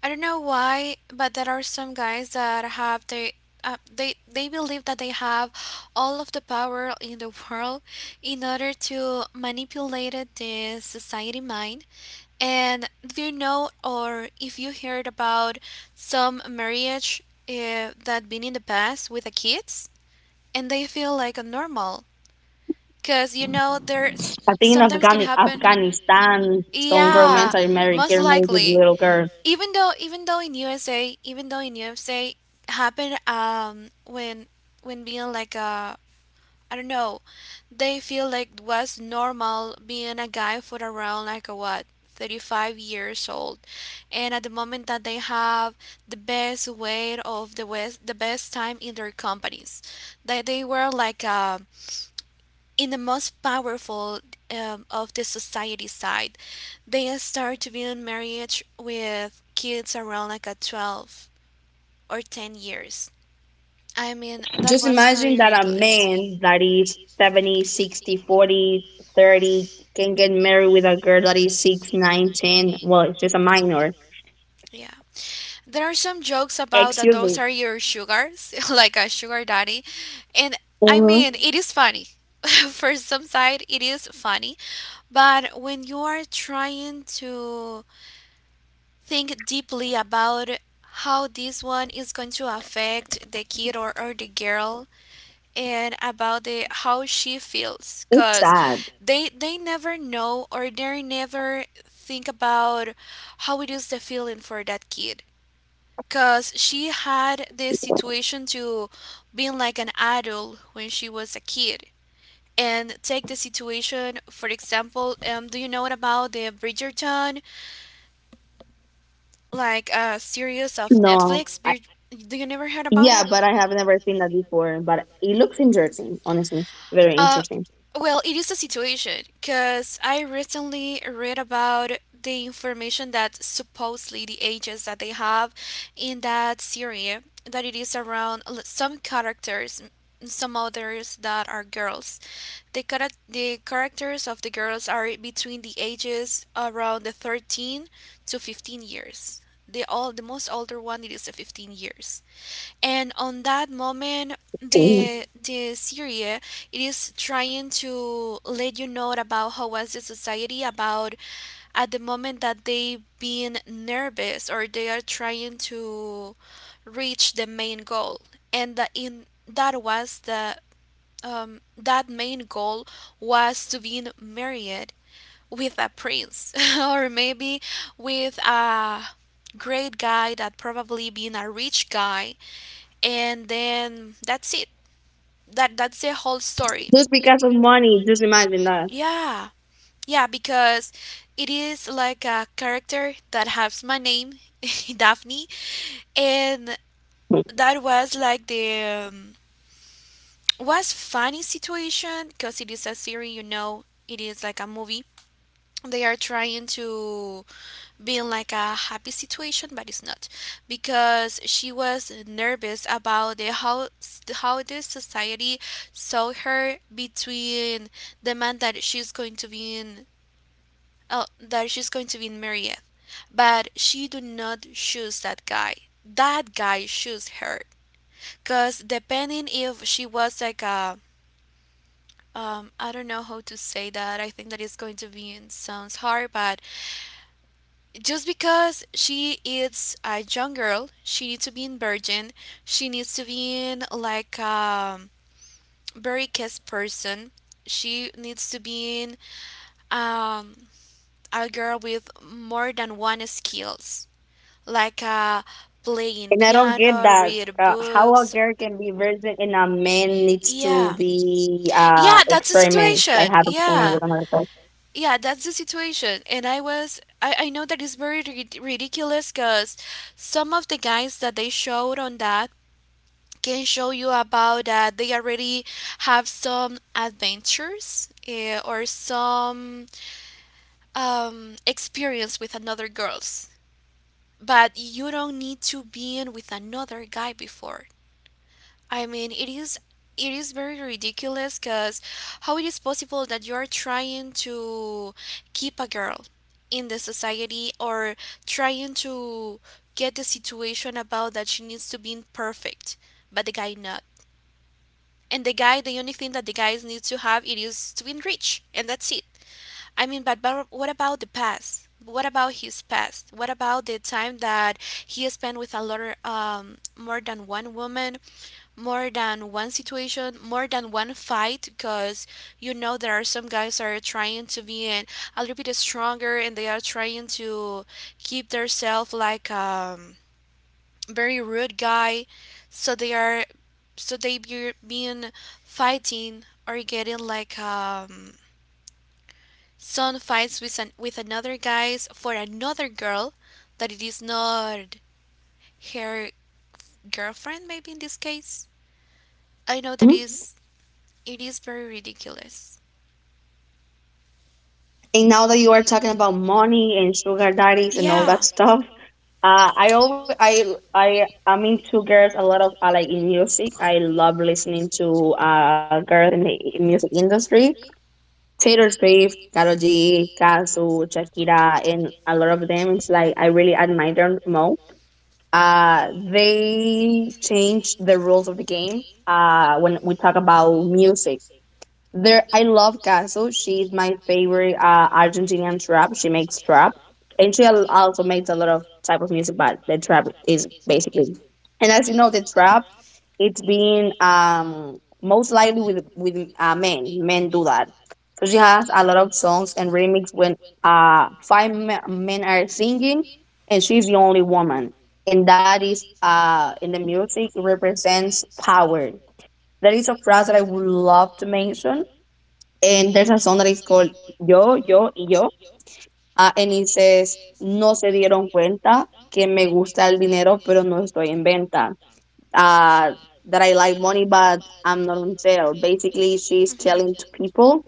Speaker 1: I don't know why, but there are some guys that have the they believe that they have all of the power in the world in order to manipulate the society mind. And do you know, or if you heard about some marriage that been in the past with the kids, and they feel like a normal, because you know there
Speaker 2: I think in
Speaker 1: sometimes can happen.
Speaker 2: Afghanistan, some grown men
Speaker 1: Yeah, most
Speaker 2: get married with
Speaker 1: likely.
Speaker 2: little girls.
Speaker 1: Even though in USA, happened when being like a, I don't know, they feel like it was normal being a guy for around like a, what, 35 years old, and at the moment that they have the best way of the west, the best time in their companies, that they were like, in the most powerful, of the society side. They start to be in marriage with kids around like a 12 or 10 years. I mean, that
Speaker 2: Just
Speaker 1: was
Speaker 2: imagine
Speaker 1: very
Speaker 2: that a
Speaker 1: ridiculous.
Speaker 2: man that is 70, 60, 40, 30 can get married with a girl that is 6, 9, 10. Well, it's just a minor.
Speaker 1: Yeah, there are some jokes about that.
Speaker 2: Excuse
Speaker 1: Those
Speaker 2: me.
Speaker 1: are your sugars, like a sugar daddy. And I
Speaker 2: Hmm.
Speaker 1: mean, it is funny. For some side, it is funny. But when you are trying to think deeply about how this one is going to affect the kid, or the girl, and about the how she feels,
Speaker 2: It's
Speaker 1: because
Speaker 2: sad.
Speaker 1: they never know, or they never think about how it is the feeling for that kid, because she had the situation to being like an adult when she was a kid. And take the situation, for example, do you know about the Bridgerton, like a series of
Speaker 2: No.
Speaker 1: Netflix? Do you never heard about
Speaker 2: Yeah,
Speaker 1: it?
Speaker 2: but I have never seen that before. But it looks interesting, honestly. Very
Speaker 1: Uh,
Speaker 2: interesting.
Speaker 1: well, it is a situation, because I recently read about the information that supposedly the ages that they have in that series, that it is around some characters, some others that are girls. The the characters of the girls are between the ages around the 13 to 15 years. The all the most older one, it is the 15 years, and on that moment
Speaker 2: Mhm.
Speaker 1: the series it is trying to let you know about how was the society, about at the moment that they being nervous, or they are trying to reach the main goal. And that in that was the, that main goal was to be married with a prince, or maybe with a great guy that probably being a rich guy. And then that's it, that's the whole story.
Speaker 2: Just because of money, just imagine that.
Speaker 1: Yeah, yeah, because it is like a character that has my name, Daphne, and that was like the, was funny situation, because it is a series, it is like a movie. They are trying to being like a happy situation, but it's not, because she was nervous about the how the society saw her, between the man that she's going to be in, oh, that she's going to be married. But she do not choose that guy. That guy choose her. Cause depending if she was like a, I don't know how to say that. I think that it's going to be in sounds hard, but just because she is a young girl, she needs to be in virgin. She needs to be in like a very kissed person. She needs to be in, um, a girl with more than one skills, like, playing
Speaker 2: And I don't get
Speaker 1: piano,
Speaker 2: that.
Speaker 1: read
Speaker 2: How a
Speaker 1: books.
Speaker 2: girl can be virgin and a man needs to
Speaker 1: Yeah,
Speaker 2: be
Speaker 1: yeah, that's the
Speaker 2: experiment, like
Speaker 1: situation.
Speaker 2: have an experiment
Speaker 1: Yeah,
Speaker 2: with another person.
Speaker 1: yeah, that's the situation, and I know that it's very ridiculous, because some of the guys that they showed on that, can show you about that they already have some adventures, or some, experience with another girls, but you don't need to be in with another guy before. I mean, it is very ridiculous, because how it is possible that you are trying to keep a girl in the society, or trying to get the situation about that she needs to be perfect, but the guy not? And the guy, the only thing that the guys need to have, it is to be rich, and that's it. I mean, but what about the past? What about his past? What about the time that he spent with a lot of, more than one woman? More than one situation, more than one fight, because there are some guys that are trying to be in a little bit stronger, and they are trying to keep themselves like, very rude guy, so they are so they be being fighting, or getting like, some fights with another guys for another girl that it is not her girlfriend, maybe in this case. I know that
Speaker 2: Mhm.
Speaker 1: is. It is very ridiculous.
Speaker 2: And now that you are talking about money and sugar daddies and all that stuff, I always I I'm into girls, a lot of like in music. I love listening to girls in the music industry. Taylor Swift, Karol G, Kazu, Shakira, and a lot of them. It's like I really admire them more. They changed the rules of the game. When we talk about music there, I love Caso. She's my favorite Argentinian trap. She makes trap, and she also makes a lot of type of music. But the trap is basically, and as you know, the trap, it's been most likely with men. Men do that. So she has a lot of songs and remix when five men are singing, and she's the only woman. And that is in the music represents power. That is a phrase that I would love to mention, and there's a song that is called Yo, Yo y Yo. And it says, no se dieron cuenta que me gusta el dinero, pero no estoy en venta. Uh, that I like money, but I'm not on sale. Basically, she's telling to
Speaker 1: Mhm.
Speaker 2: people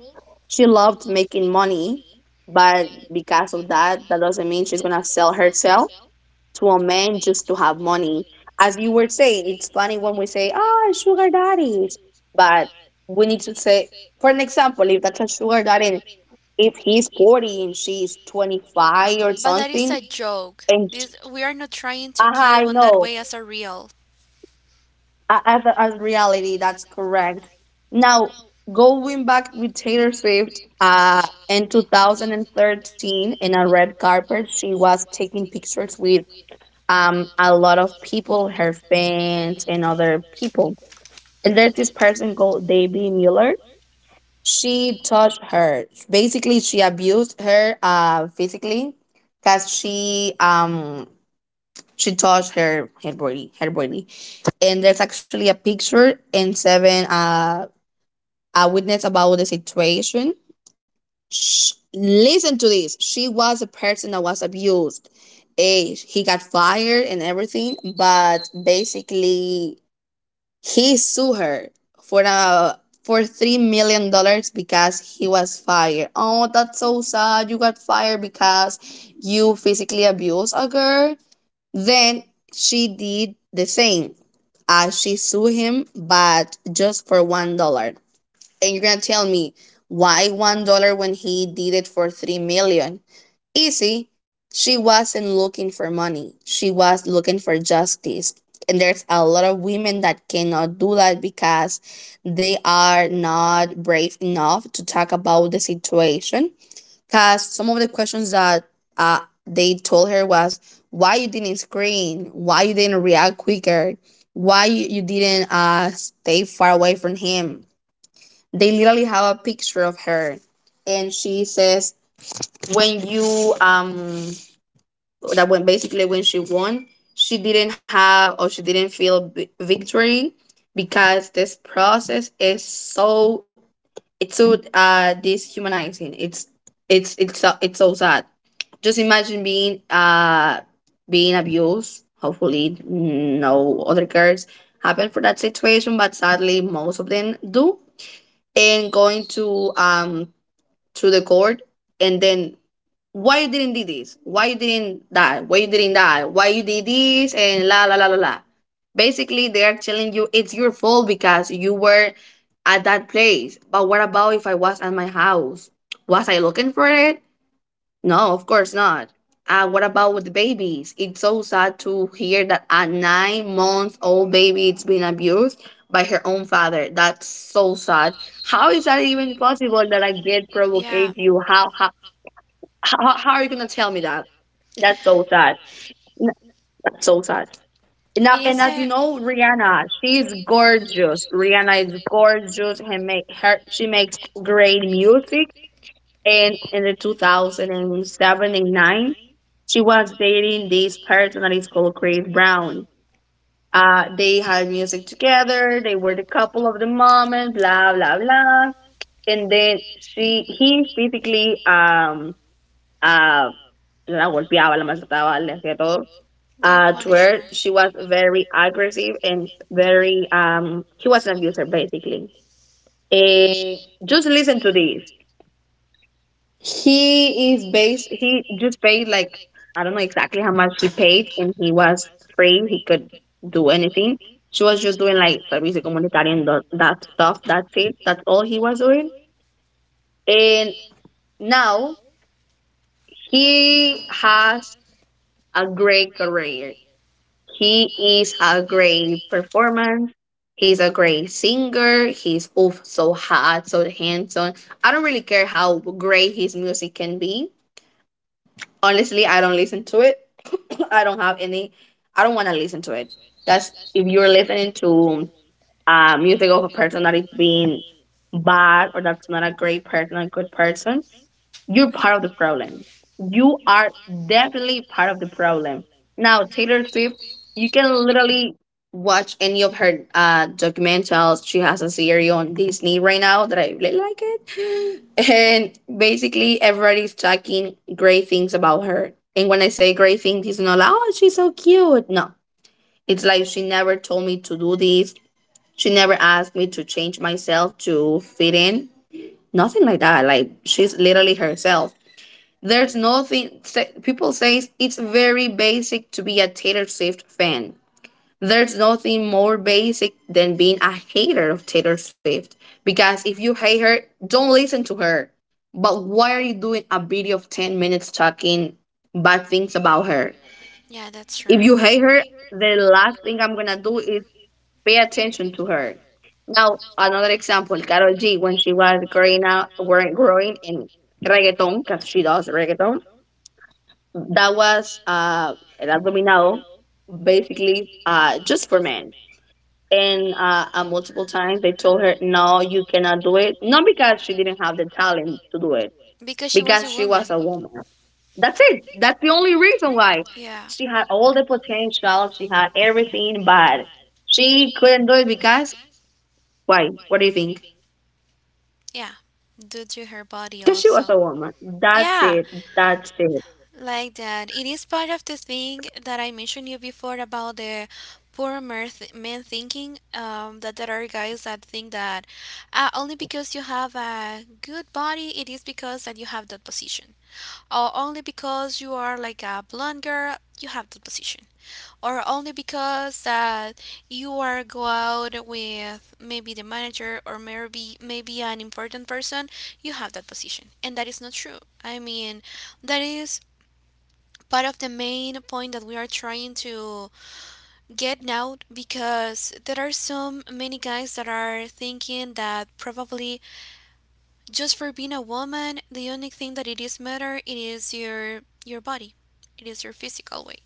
Speaker 2: she loved making money, but because of that, that doesn't mean she's going to sell herself to a man just to have money. As you were saying, it's funny when we say, ah, sugar daddies, but we need to say, for an example, if that's a sugar daddy, if he's 40 and she's 25 or something,
Speaker 1: Joke.
Speaker 2: and
Speaker 1: We are not trying to
Speaker 2: ah,
Speaker 1: give
Speaker 2: I
Speaker 1: on that
Speaker 2: know.
Speaker 1: way as a real.
Speaker 2: As reality, that's correct. Now, going back with Taylor Swift, in 2013, in a red carpet, she was taking pictures with a lot of people, her fans and other people. And there's this person called Davey Mueller. She touched her, basically she abused her physically because she touched her, her body. And there's actually a picture and seven, a witness about the situation. Sh Listen to this. She was a person that was abused. He got fired and everything, but basically he sued her for a for $3 million because he was fired. Oh, that's so sad. You got fired because you physically abused a girl. Then she did the same. She sued him, but just for $1. And you're gonna tell me why $1 when he did it for 3 million? Easy. She wasn't looking for money. She was looking for justice. And there's a lot of women that cannot do that because they are not brave enough to talk about the situation. Because some of the questions that uh, they told her was, why you didn't scream? Why you didn't react quicker? Why you didn't stay far away from him? They literally have a picture of her. And she says, when you that when basically when she won, she didn't have, or she didn't feel victory, because this process is so dishumanizing. It's so sad. Just imagine being abused. Hopefully no other girls happen for that situation, but sadly, most of them do. And going to the court, and then, why you didn't do this, why you didn't that, why you didn't that, why you did this, and la la la la la. Basically, they are telling you it's your fault because you were at that place. But what about if I was at my house? Was I looking for it? No, of course not. What about with the babies? It's so sad to hear that a 9-month old baby is being abused by her own father. That's so sad. How is that even possible, that I get provoked you? How are you gonna tell me that? That's so sad. N- That's so sad. And, now, and as you
Speaker 1: It
Speaker 2: know, Rihanna, she's gorgeous. Rihanna is gorgeous, and make her she makes great music. And in the 2007 and seven and 9, she was dating this person that is called Chris Brown. They had music together. They were the couple of the moment. Blah blah blah. And then she he physically, um la golpeaba, la maltrataba, le hacía todo.
Speaker 1: They
Speaker 2: To her, she was very aggressive, and very, he was an abuser basically. Eh, just listen to this. He just paid, like, I don't know exactly how much he paid, and he was free. He could do anything. She was just doing like servicio comunitario and that stuff. That's it. That's all he was doing. And now he has a great career. He is a great performance. He's a great singer. He's oof, so hot, so handsome. I don't really care how great his music can be. Honestly, I don't listen to it. I don't have any. I don't want to listen to it. That's, if you're listening to music of a person that is being bad, or that's not a great person, a good person, you're part of the problem. You are definitely part of the problem. Now, Taylor Swift, you can literally watch any of her documentals. She has a series on Disney right now that I really like it. And basically, everybody's talking great things about her. And when I say great things, it's not like, oh, she's so cute. No. It's like she never told me to do this. She never asked me to change myself to fit in. Nothing like that. Like she's literally herself. There's nothing. People say it's very basic to be a Taylor Swift fan. There's nothing more basic than being a hater of Taylor Swift. Because if you hate her, don't listen to her. But why are you doing a video of 10 minutes talking bad things about her?
Speaker 1: Yeah, that's true.
Speaker 2: If you hate her, the last thing I'm gonna do is pay attention to her. Now, another example, Karol G, when she was growing out, weren't growing in reggaeton, because she does reggaeton, that was El Abdominado, basically just for men. And multiple times they told her, no, you cannot do it. Not because she didn't have the talent to do it,
Speaker 1: Because she was
Speaker 2: because
Speaker 1: a
Speaker 2: she was a woman. That's it. That's the only reason why.
Speaker 1: Yeah,
Speaker 2: She had all the potential, she had everything, but she couldn't do it because, why? What do you think?
Speaker 1: yeah. Due to her body
Speaker 2: Because she was
Speaker 1: also.
Speaker 2: a woman. That's
Speaker 1: Yeah,
Speaker 2: it. That's it.
Speaker 1: like that. It is part of the thing that I mentioned you before about the poor mer th man thinking, that there are guys that think that, only because you have a good body, it is because that you have that position. Or only because you are like a blonde girl, you have that position. Or only because that you are go out with maybe the manager, or maybe an important person, you have that position. And that is not true. I mean, that is part of the main point that we are trying to get now, because there are so many guys that are thinking that probably just for being a woman, the only thing that it is matter, it is your body, it is your physical weight,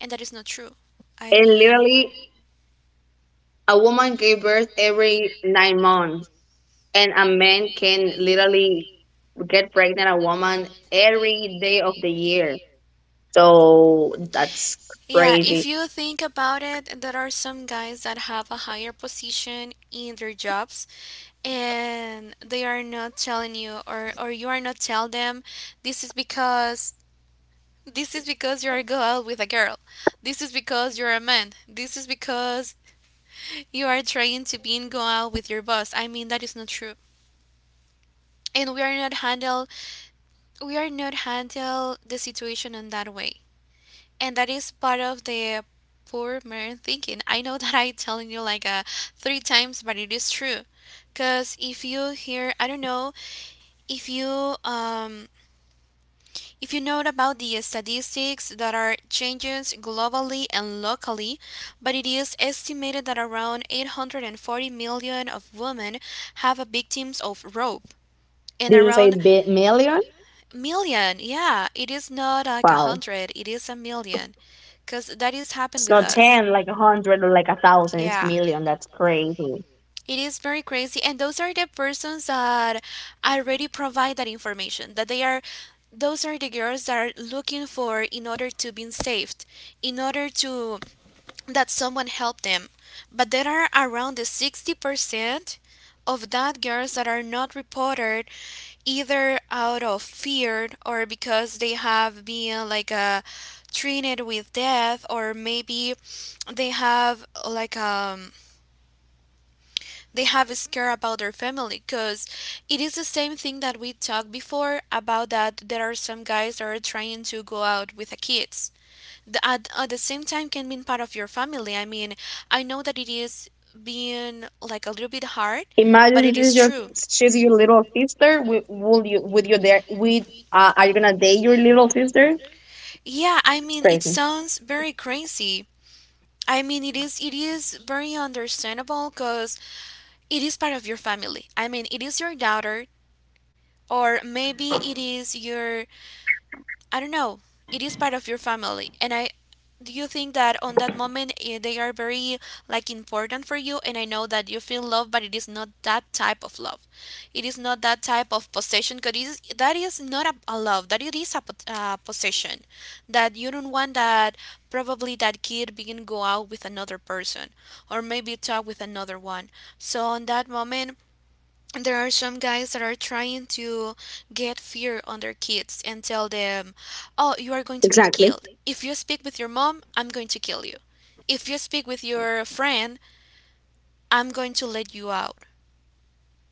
Speaker 1: and that is not true. I
Speaker 2: And
Speaker 1: mean,
Speaker 2: literally, a woman gave birth every 9 months, and a man can literally get pregnant a woman every day of the year. So that's
Speaker 1: yeah,
Speaker 2: crazy.
Speaker 1: if you think about it, there are some guys that have a higher position in their jobs, and they are not telling you, or you are not tell them. This is because This is because you're a girl with a girl. This is because you're a man. This is because you are trying to be in go out with your boss. I mean, that is not true. And we are not handle the situation in that way. And that is part of the poor man thinking. I know that I telling you like, three times, but it is true. Cause if you hear, I don't
Speaker 2: Did
Speaker 1: know, if you, if you know about the statistics, there are changes globally and locally, but it is estimated that around 840 million of women have a victims of rape, and
Speaker 2: you say
Speaker 1: around
Speaker 2: million?
Speaker 1: million. Yeah, it is not like a
Speaker 2: Wow.
Speaker 1: hundred, it is a million, because that is happened
Speaker 2: It's
Speaker 1: with
Speaker 2: not
Speaker 1: us.
Speaker 2: 10, like a 100 or like a 1,000. It's
Speaker 1: Yeah.
Speaker 2: million. That's crazy.
Speaker 1: It is very crazy. And those are the persons that already provide that information, that they are, those are the girls that are looking for, in order to be saved, in order to, that someone help them. But there are around the 60% of that girls that are not reported, either out of fear, or because they have been like, treated with death, or maybe they have like, they have a scare about their family, because it is the same thing that we talked before, about that there are some guys that are trying to go out with the kids. At the same time, can be part of your family. I mean, I know that it is being like a little bit hard, but
Speaker 2: Imagine
Speaker 1: it is
Speaker 2: she's your,
Speaker 1: true.
Speaker 2: she's your little sister. Will you, with your there, with, are you going to date your little sister?
Speaker 1: Yeah, I
Speaker 2: It's
Speaker 1: mean it
Speaker 2: crazy.
Speaker 1: sounds very crazy, I mean it is very understandable, because it is part of your family. I mean, it is your daughter, or maybe it is your, I don't know. It is part of your family, and I do you think that on that moment, they are very like important for you, and I know that you feel love, but it is not that type of love. It is not that type of possession, because that is not a love, that it is a possession, that you don't want that probably that kid begin go out with another person, or maybe talk with another one. So on that moment there are some guys that are trying to get fear on their kids, and tell them, "Oh, you are going to be
Speaker 2: Exactly.
Speaker 1: killed. If you speak with your mom, I'm going to kill you. If you speak with your friend, I'm going to let you out."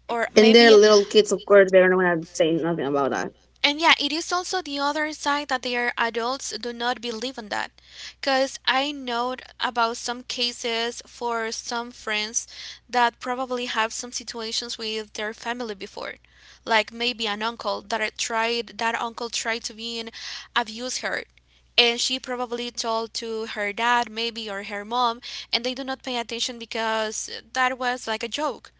Speaker 1: Or
Speaker 2: And they're
Speaker 1: maybe,
Speaker 2: little kids, of course. They're not going to say nothing about that.
Speaker 1: and yeah, it is also the other side that their adults do not believe in that. Because I know about some cases for some friends that probably have some situations with their family before. Like maybe an uncle that uncle tried to be in abuse her. And she probably told to her dad, maybe, or her mom, and they do not pay attention because that was like a joke.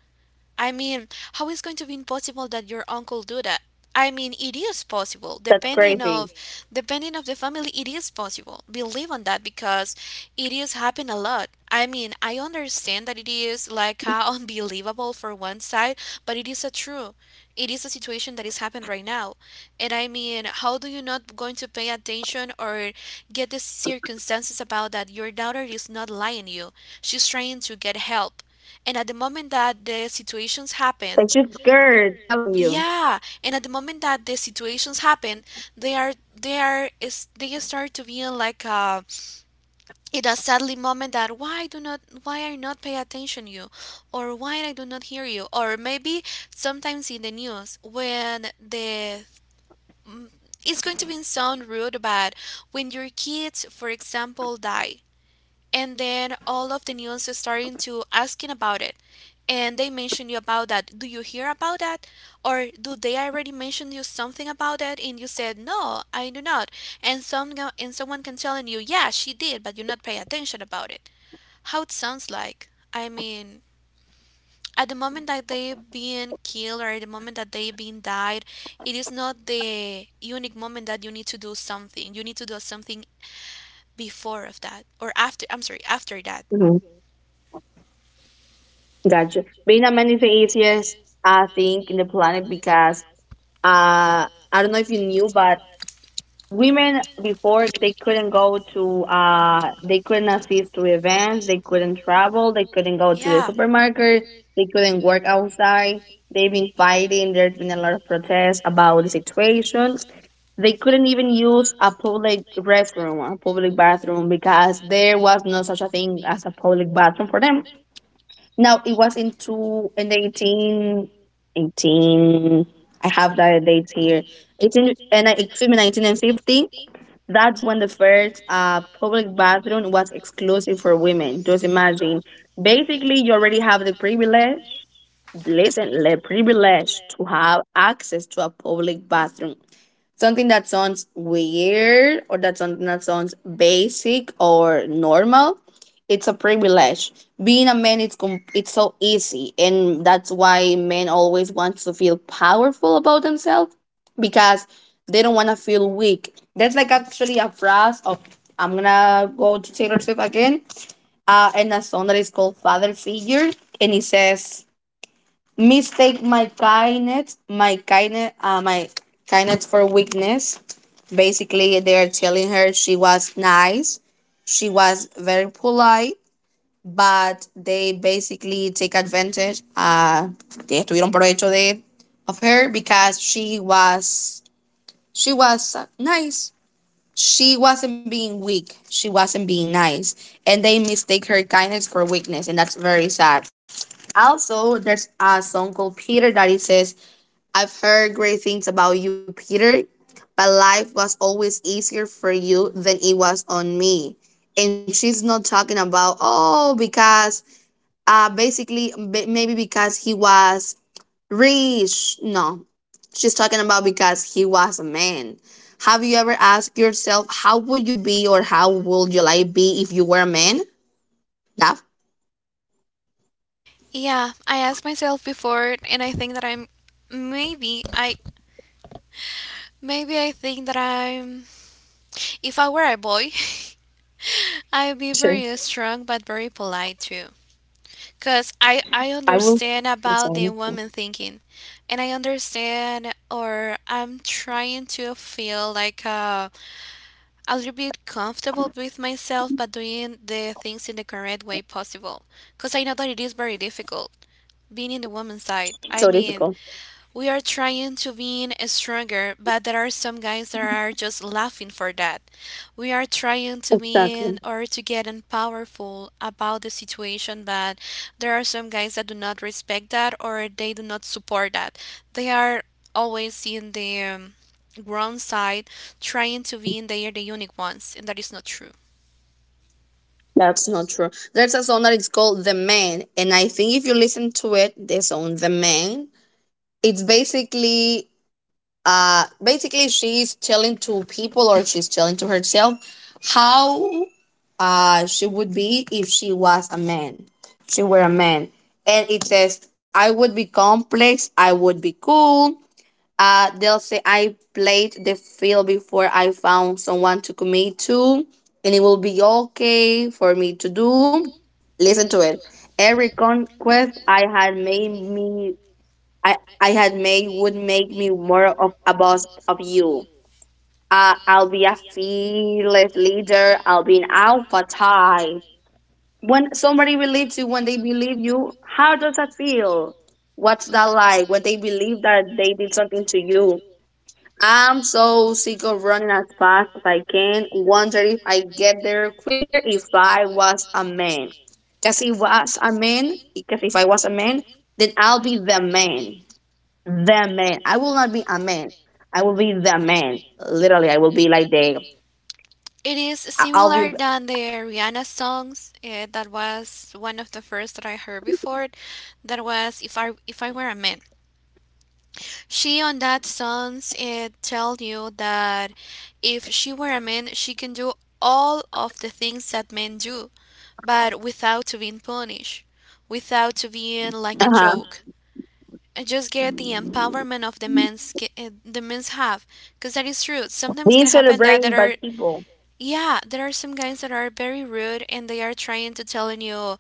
Speaker 1: I mean, how is going to be impossible that your uncle do that? I mean, it is possible,
Speaker 2: That's
Speaker 1: depending
Speaker 2: crazy.
Speaker 1: of depending of the family, it is possible. Believe on that, because it is happen a lot. I mean, I understand that it is like, unbelievable for one side, but it is a true. It is a situation that is happened right now, and I mean, how do you not going to pay attention, or get the circumstances about that? Your daughter is not lying you. She's trying to get help. And at the moment that the situations happen,
Speaker 2: And she's scared, telling you.
Speaker 1: yeah, and at the moment that the situations happen, they are they are is they start to feel like in a sadly moment. That why I not pay attention you, or why I do not hear you, or maybe sometimes in the news when mm, it's going to be sound rude, but when your kids, for example, die, and then all of the news is starting to asking about it, and they mention you about that, do you hear about that, or do they already mention you something about that? And you said no, I do not, and someone can telling you, yeah, she did, but you not pay attention about it. How it sounds like? I mean, at the moment that they being killed, or at the moment that they being died, it is not the unique moment that you need to do something. You need to do something before of that, or after, I'm sorry, after that.
Speaker 2: Hmm. Gotcha. Being a many atheist, I think, in the planet, because I don't know if you knew, but women before, they couldn't go to they couldn't assist to events, they couldn't travel, they couldn't go to the
Speaker 1: Yeah.
Speaker 2: supermarket, they couldn't work outside. They've been fighting. There's been a lot of protests about the situation. They couldn't even use a public restroom, a public bathroom, because there was no such a thing as a public bathroom for them. Now it was into in the 18, 18, I have that date here. 18 and excuse me, 1950. That's when the first public bathroom was exclusive for women. Just imagine. Basically, you already have the privilege. Listen, the privilege to have access to a public bathroom, something that sounds weird, or that something that sounds basic or normal, it's a privilege. Being a man, it's it's so easy, and that's why men always want to feel powerful about themselves, because they don't want to feel weak. That's like actually a phrase of, I'm gonna go to Taylor Swift again, and a song that is called Father Figure, and it says, mistake my kindness, my kindness for weakness. Basically, they are telling her she was nice, she was very polite, but they basically take advantage, they estuvieron provecho de of her, because she was nice. She wasn't being weak. She wasn't being nice. And they mistake her kindness for weakness. And that's very sad. Also, there's a song called Peter that it says, I've heard great things about you, Peter, but life was always easier for you than it was on me. And she's not talking about, oh, because basically, maybe because he was rich. No, she's talking about because he was a man. Have you ever asked yourself how would you be, or how would your life be if you were a man? Daph?
Speaker 1: Yeah, I asked myself before, and I think that I'm maybe I maybe I think that I'm if I were a boy, I'd be
Speaker 2: Sure.
Speaker 1: very strong but very polite too. Cause I
Speaker 2: I will.
Speaker 1: understand
Speaker 2: Yes.
Speaker 1: about the woman thinking, and I understand, or I'm trying to feel like a little bit comfortable with myself, but doing the things in the correct way possible. Because I know that it is very difficult being in the woman's side. I
Speaker 2: So
Speaker 1: mean,
Speaker 2: difficult.
Speaker 1: we are trying to be stronger, but there are some guys that are just laughing for that. We are trying to be
Speaker 2: Exactly.
Speaker 1: or to get in powerful about the situation, but there are some guys that do not respect that, or they do not support that. They are always in the wrong side, trying to be in they are the unique ones, and that is not true.
Speaker 2: That's not true. There's a song that is called The Man, and I think if you listen to it, the song The Man, it's basically basically, she's telling to people or she's telling to herself how she would be if she were a man. And it says, I would be complex, I would be cool, they'll say I played the field before I found someone to commit to, and it will be okay for me to do. Listen to it. Every conquest I had made would make me more of a boss of you. I'll be a fearless leader. I'll be an alpha type. When somebody believes you, when they believe you, how does that feel? What's that like when they believe that they did something to you? I'm so sick of running as fast as I can. Wonder if I get there quicker if I was a man. Because if I was a man, because if I was a man, then I'll be the man. I will not be a man. I will be the man. Literally, I will be like the.
Speaker 1: It is
Speaker 2: I will,
Speaker 1: similar than the Rihanna songs. That was one of the first that I heard before. That was if I were a man. She on that songs it tell you that if she were a man, she can do all of the things that men do, but without to being punished, without to being like a
Speaker 2: uh-huh,
Speaker 1: joke. Mhm. Just get the empowerment of the men's have, because that is true. Sometimes
Speaker 2: being
Speaker 1: can happen that there
Speaker 2: celebrated by
Speaker 1: are
Speaker 2: people.
Speaker 1: yeah, there are some guys that are very rude and they are trying to telling you,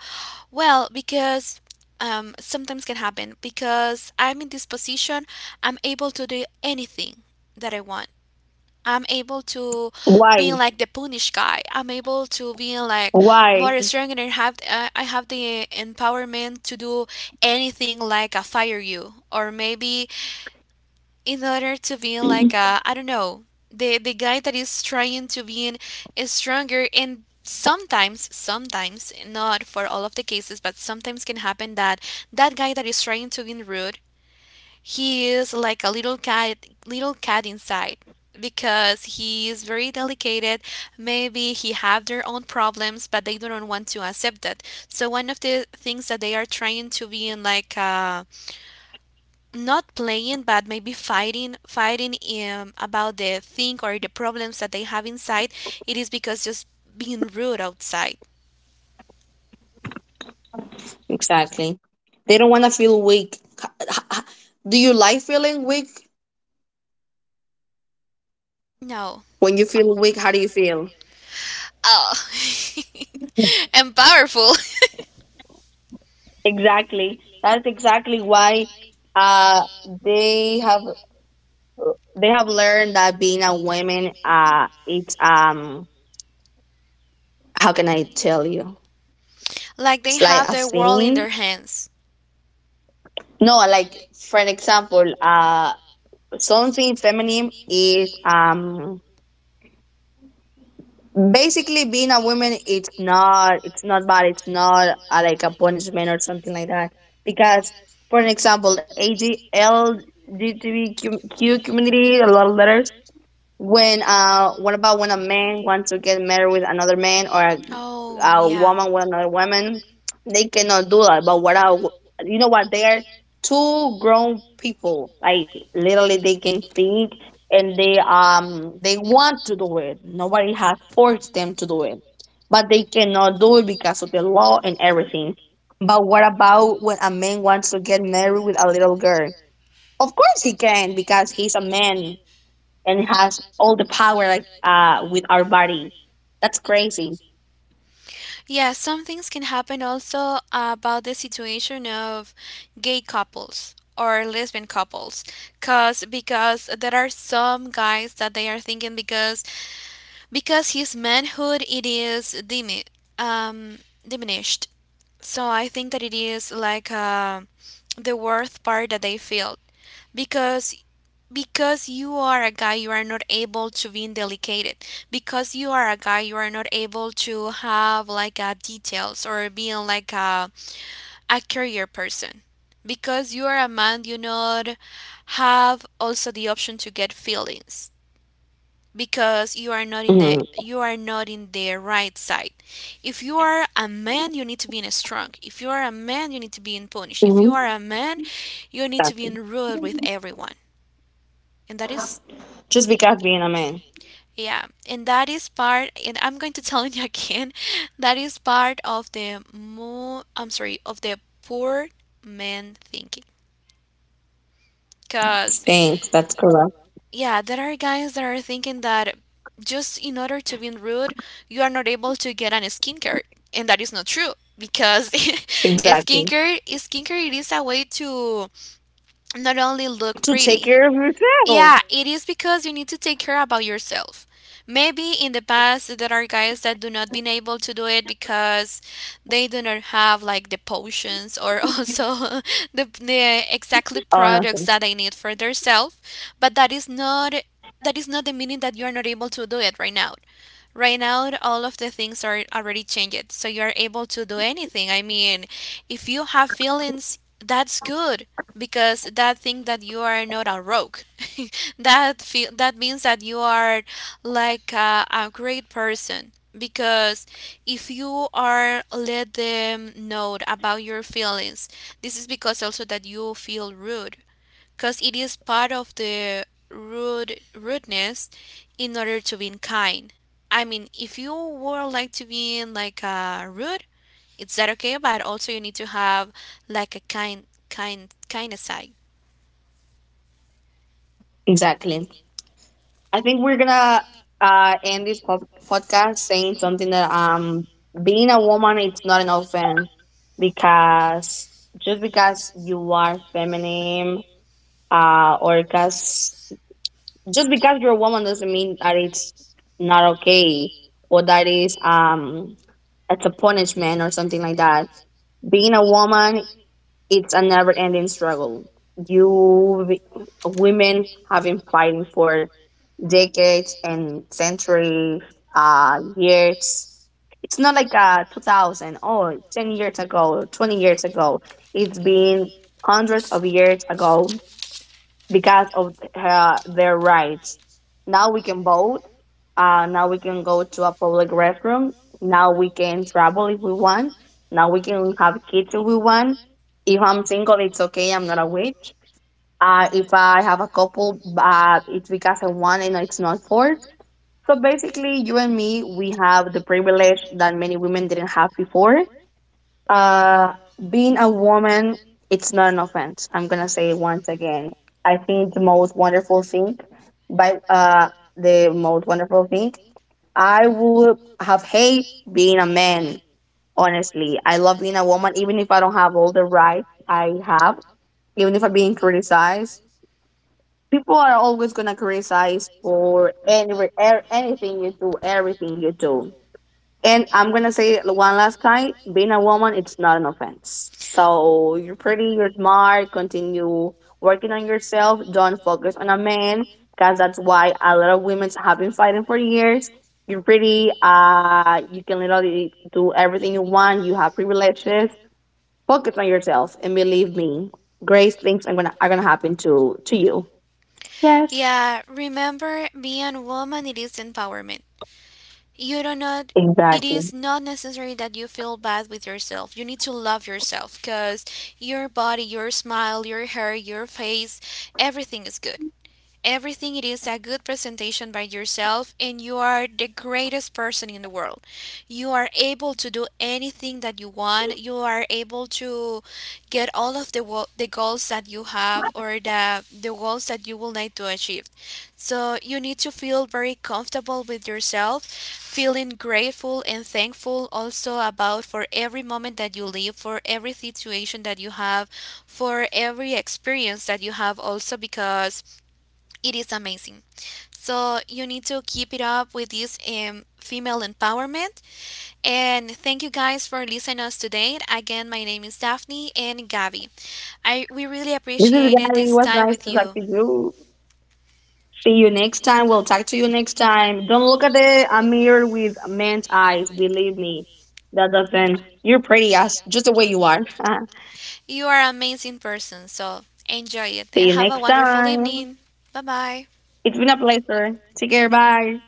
Speaker 1: well, because sometimes can happen, because I'm in this position, I'm able to do anything that I want. I'm able to being
Speaker 2: Why?
Speaker 1: like the punish guy. I'm able to being like
Speaker 2: Why?
Speaker 1: more strong, and I have the empowerment to do anything like a fire you, or maybe in order to be like a, I don't know, the guy that is trying to be in is stronger. And sometimes, not for all of the cases, but sometimes can happen that guy that is trying to be rude, he is like a little cat, inside, because he is very delicate. Maybe he have their own problems, but they don't want to accept that. So one of the things that they are trying to be in, like not playing but maybe fighting about the thing or the problems that they have inside, it is because just being rude outside.
Speaker 2: Exactly. They don't want to feel weak. H- h- Do you like feeling weak?
Speaker 1: No.
Speaker 2: When you feel weak, how do you feel?
Speaker 1: Oh, and powerful
Speaker 2: Exactly. That's exactly why uh they have they have learned that being a woman, it's, how can I tell you?
Speaker 1: like they
Speaker 2: It's like
Speaker 1: have
Speaker 2: a
Speaker 1: their world in
Speaker 2: sin.
Speaker 1: their hands.
Speaker 2: No, like for an example, something feminine is, basically being a woman. It's not. It's not bad. It's not like a punishment or something like that. Because for an example, LGBTQ community, a lot of letters. When what about when a man wants to get married with another man, or a
Speaker 1: Oh,
Speaker 2: a
Speaker 1: yeah.
Speaker 2: woman with another woman? They cannot do that. But what I, you know what? They are two grown people. Like literally, they can think, and they, they want to do it. Nobody has forced them to do it, but they cannot do it because of the law and everything. But what about when a man wants to get married with a little girl? Of course he can, because he's a man and has all the power, like with our body. That's crazy.
Speaker 1: Yeah, some things can happen also about the situation of gay couples or lesbian couples. Cause because there are some guys that they are thinking, because his manhood, it is um, diminished. So I think that it is like the worth part that they feel, because you are a guy, you are not able to be delicated. Because you are a guy, you are not able to have like details, or being like a career person. Because you are a man, you not have also the option to get feelings, because
Speaker 2: Mhm.
Speaker 1: you are not in the right side. If you are a man, you need to be in a strong. If you are a man, you need to be in punish. If you are a man, you need to be
Speaker 2: Exactly.
Speaker 1: in rule with everyone. And that is
Speaker 2: Just because being a man
Speaker 1: yeah, and that is part, and I'm going to tell you again, that is part of the mo I'm sorry, of the poor man thinking. Cause
Speaker 2: stinks. That's correct.
Speaker 1: yeah, there are guys that are thinking that just in order to be rude, you are not able to get an skincare, and that is not true, because
Speaker 2: Exactly.
Speaker 1: skincare, it is a way to not only look
Speaker 2: To take
Speaker 1: pretty.
Speaker 2: care of yourself.
Speaker 1: Yeah, it is because you need to take care about yourself. Maybe in the past there are guys that do not been able to do it because they do not have like the potions, or also the exactly
Speaker 2: Oh,
Speaker 1: products
Speaker 2: nothing.
Speaker 1: that they need for themselves. But that is not the meaning that you are not able to do it right now. Right now, all of the things are already changed, so you are able to do anything. I mean, if you have feelings, that's good, because that thing that you are not a rogue. That feel that means that you are like a great person. Because if you are let them know about your feelings, this is because also that you feel rude, because it is part of the rudeness in order to be kind. I mean, if you would like to be like rude, it's that okay, but also you need to have like a kind of side.
Speaker 2: Exactly. I think we're gonna end this podcast saying something that, being a woman, it's not an offense. Because just because you are feminine, or because just because you're a woman, doesn't mean that it's not okay, or that is, it's a punishment or something like that. Being a woman, it's a never ending struggle. You women have been fighting for decades and centuries, years. It's not like 2000 or 10 years ago, 20 years ago. It's been hundreds of years ago. Because of their rights. Now we can vote. Now we can go to a public restroom. Now we can travel if we want. Now we can have kids if we want. If I'm single, it's okay. I'm not a witch. If I have a couple, it's because I want, and it's not forced. So basically, you and me, we have the privilege that many women didn't have before. Uh, Being a woman, it's not an offense. I'm gonna say it once again. I think the most wonderful thing, by uh, the most wonderful thing, I would have hate being a man. Honestly, I love being a woman, even if I don't have all the rights I have. Even if I'm being criticized, people are always gonna criticize for anything you do, everything you do. And I'm gonna say it one last time: being a woman, it's not an offense. So you're pretty, you're smart. Continue working on yourself. Don't focus on a man, because that's why a lot of women have been fighting for years. You're pretty. You can literally do everything you want. You have privileges. Focus on yourself, and believe me, great things are gonna happen to you. Yes,
Speaker 1: Yeah, remember being woman, it is empowerment. You do not it
Speaker 2: exactly.
Speaker 1: is not necessary that you feel bad with yourself. You need to love yourself, because your body, your smile, your hair, your face, everything is good. Everything it is a good presentation by yourself, and you are the greatest person in the world. You are able to do anything that you want. You are able to get all of the goals that you have, or the goals that you will need to achieve. So you need to feel very comfortable with yourself, feeling grateful and thankful, also, about for every moment that you live, for every situation that you have, for every experience that you have also, because it is amazing. So you need to keep it up with this female empowerment. And thank you guys for listening us today. Again, my name is Daphne and Gabby. I We really
Speaker 2: This is
Speaker 1: appreciated
Speaker 2: Gabby. It
Speaker 1: this
Speaker 2: was
Speaker 1: time
Speaker 2: nice
Speaker 1: with
Speaker 2: to talk
Speaker 1: you.
Speaker 2: to you. See you next time. We'll talk to you next time. Don't look at the a mirror with a man's eyes. Believe me, that doesn't. You're pretty as just the way you are.
Speaker 1: You are an amazing person. So enjoy it
Speaker 2: See
Speaker 1: and
Speaker 2: you
Speaker 1: have a
Speaker 2: next
Speaker 1: wonderful
Speaker 2: time.
Speaker 1: evening. Bye bye.
Speaker 2: It's been a pleasure. Take care. Bye.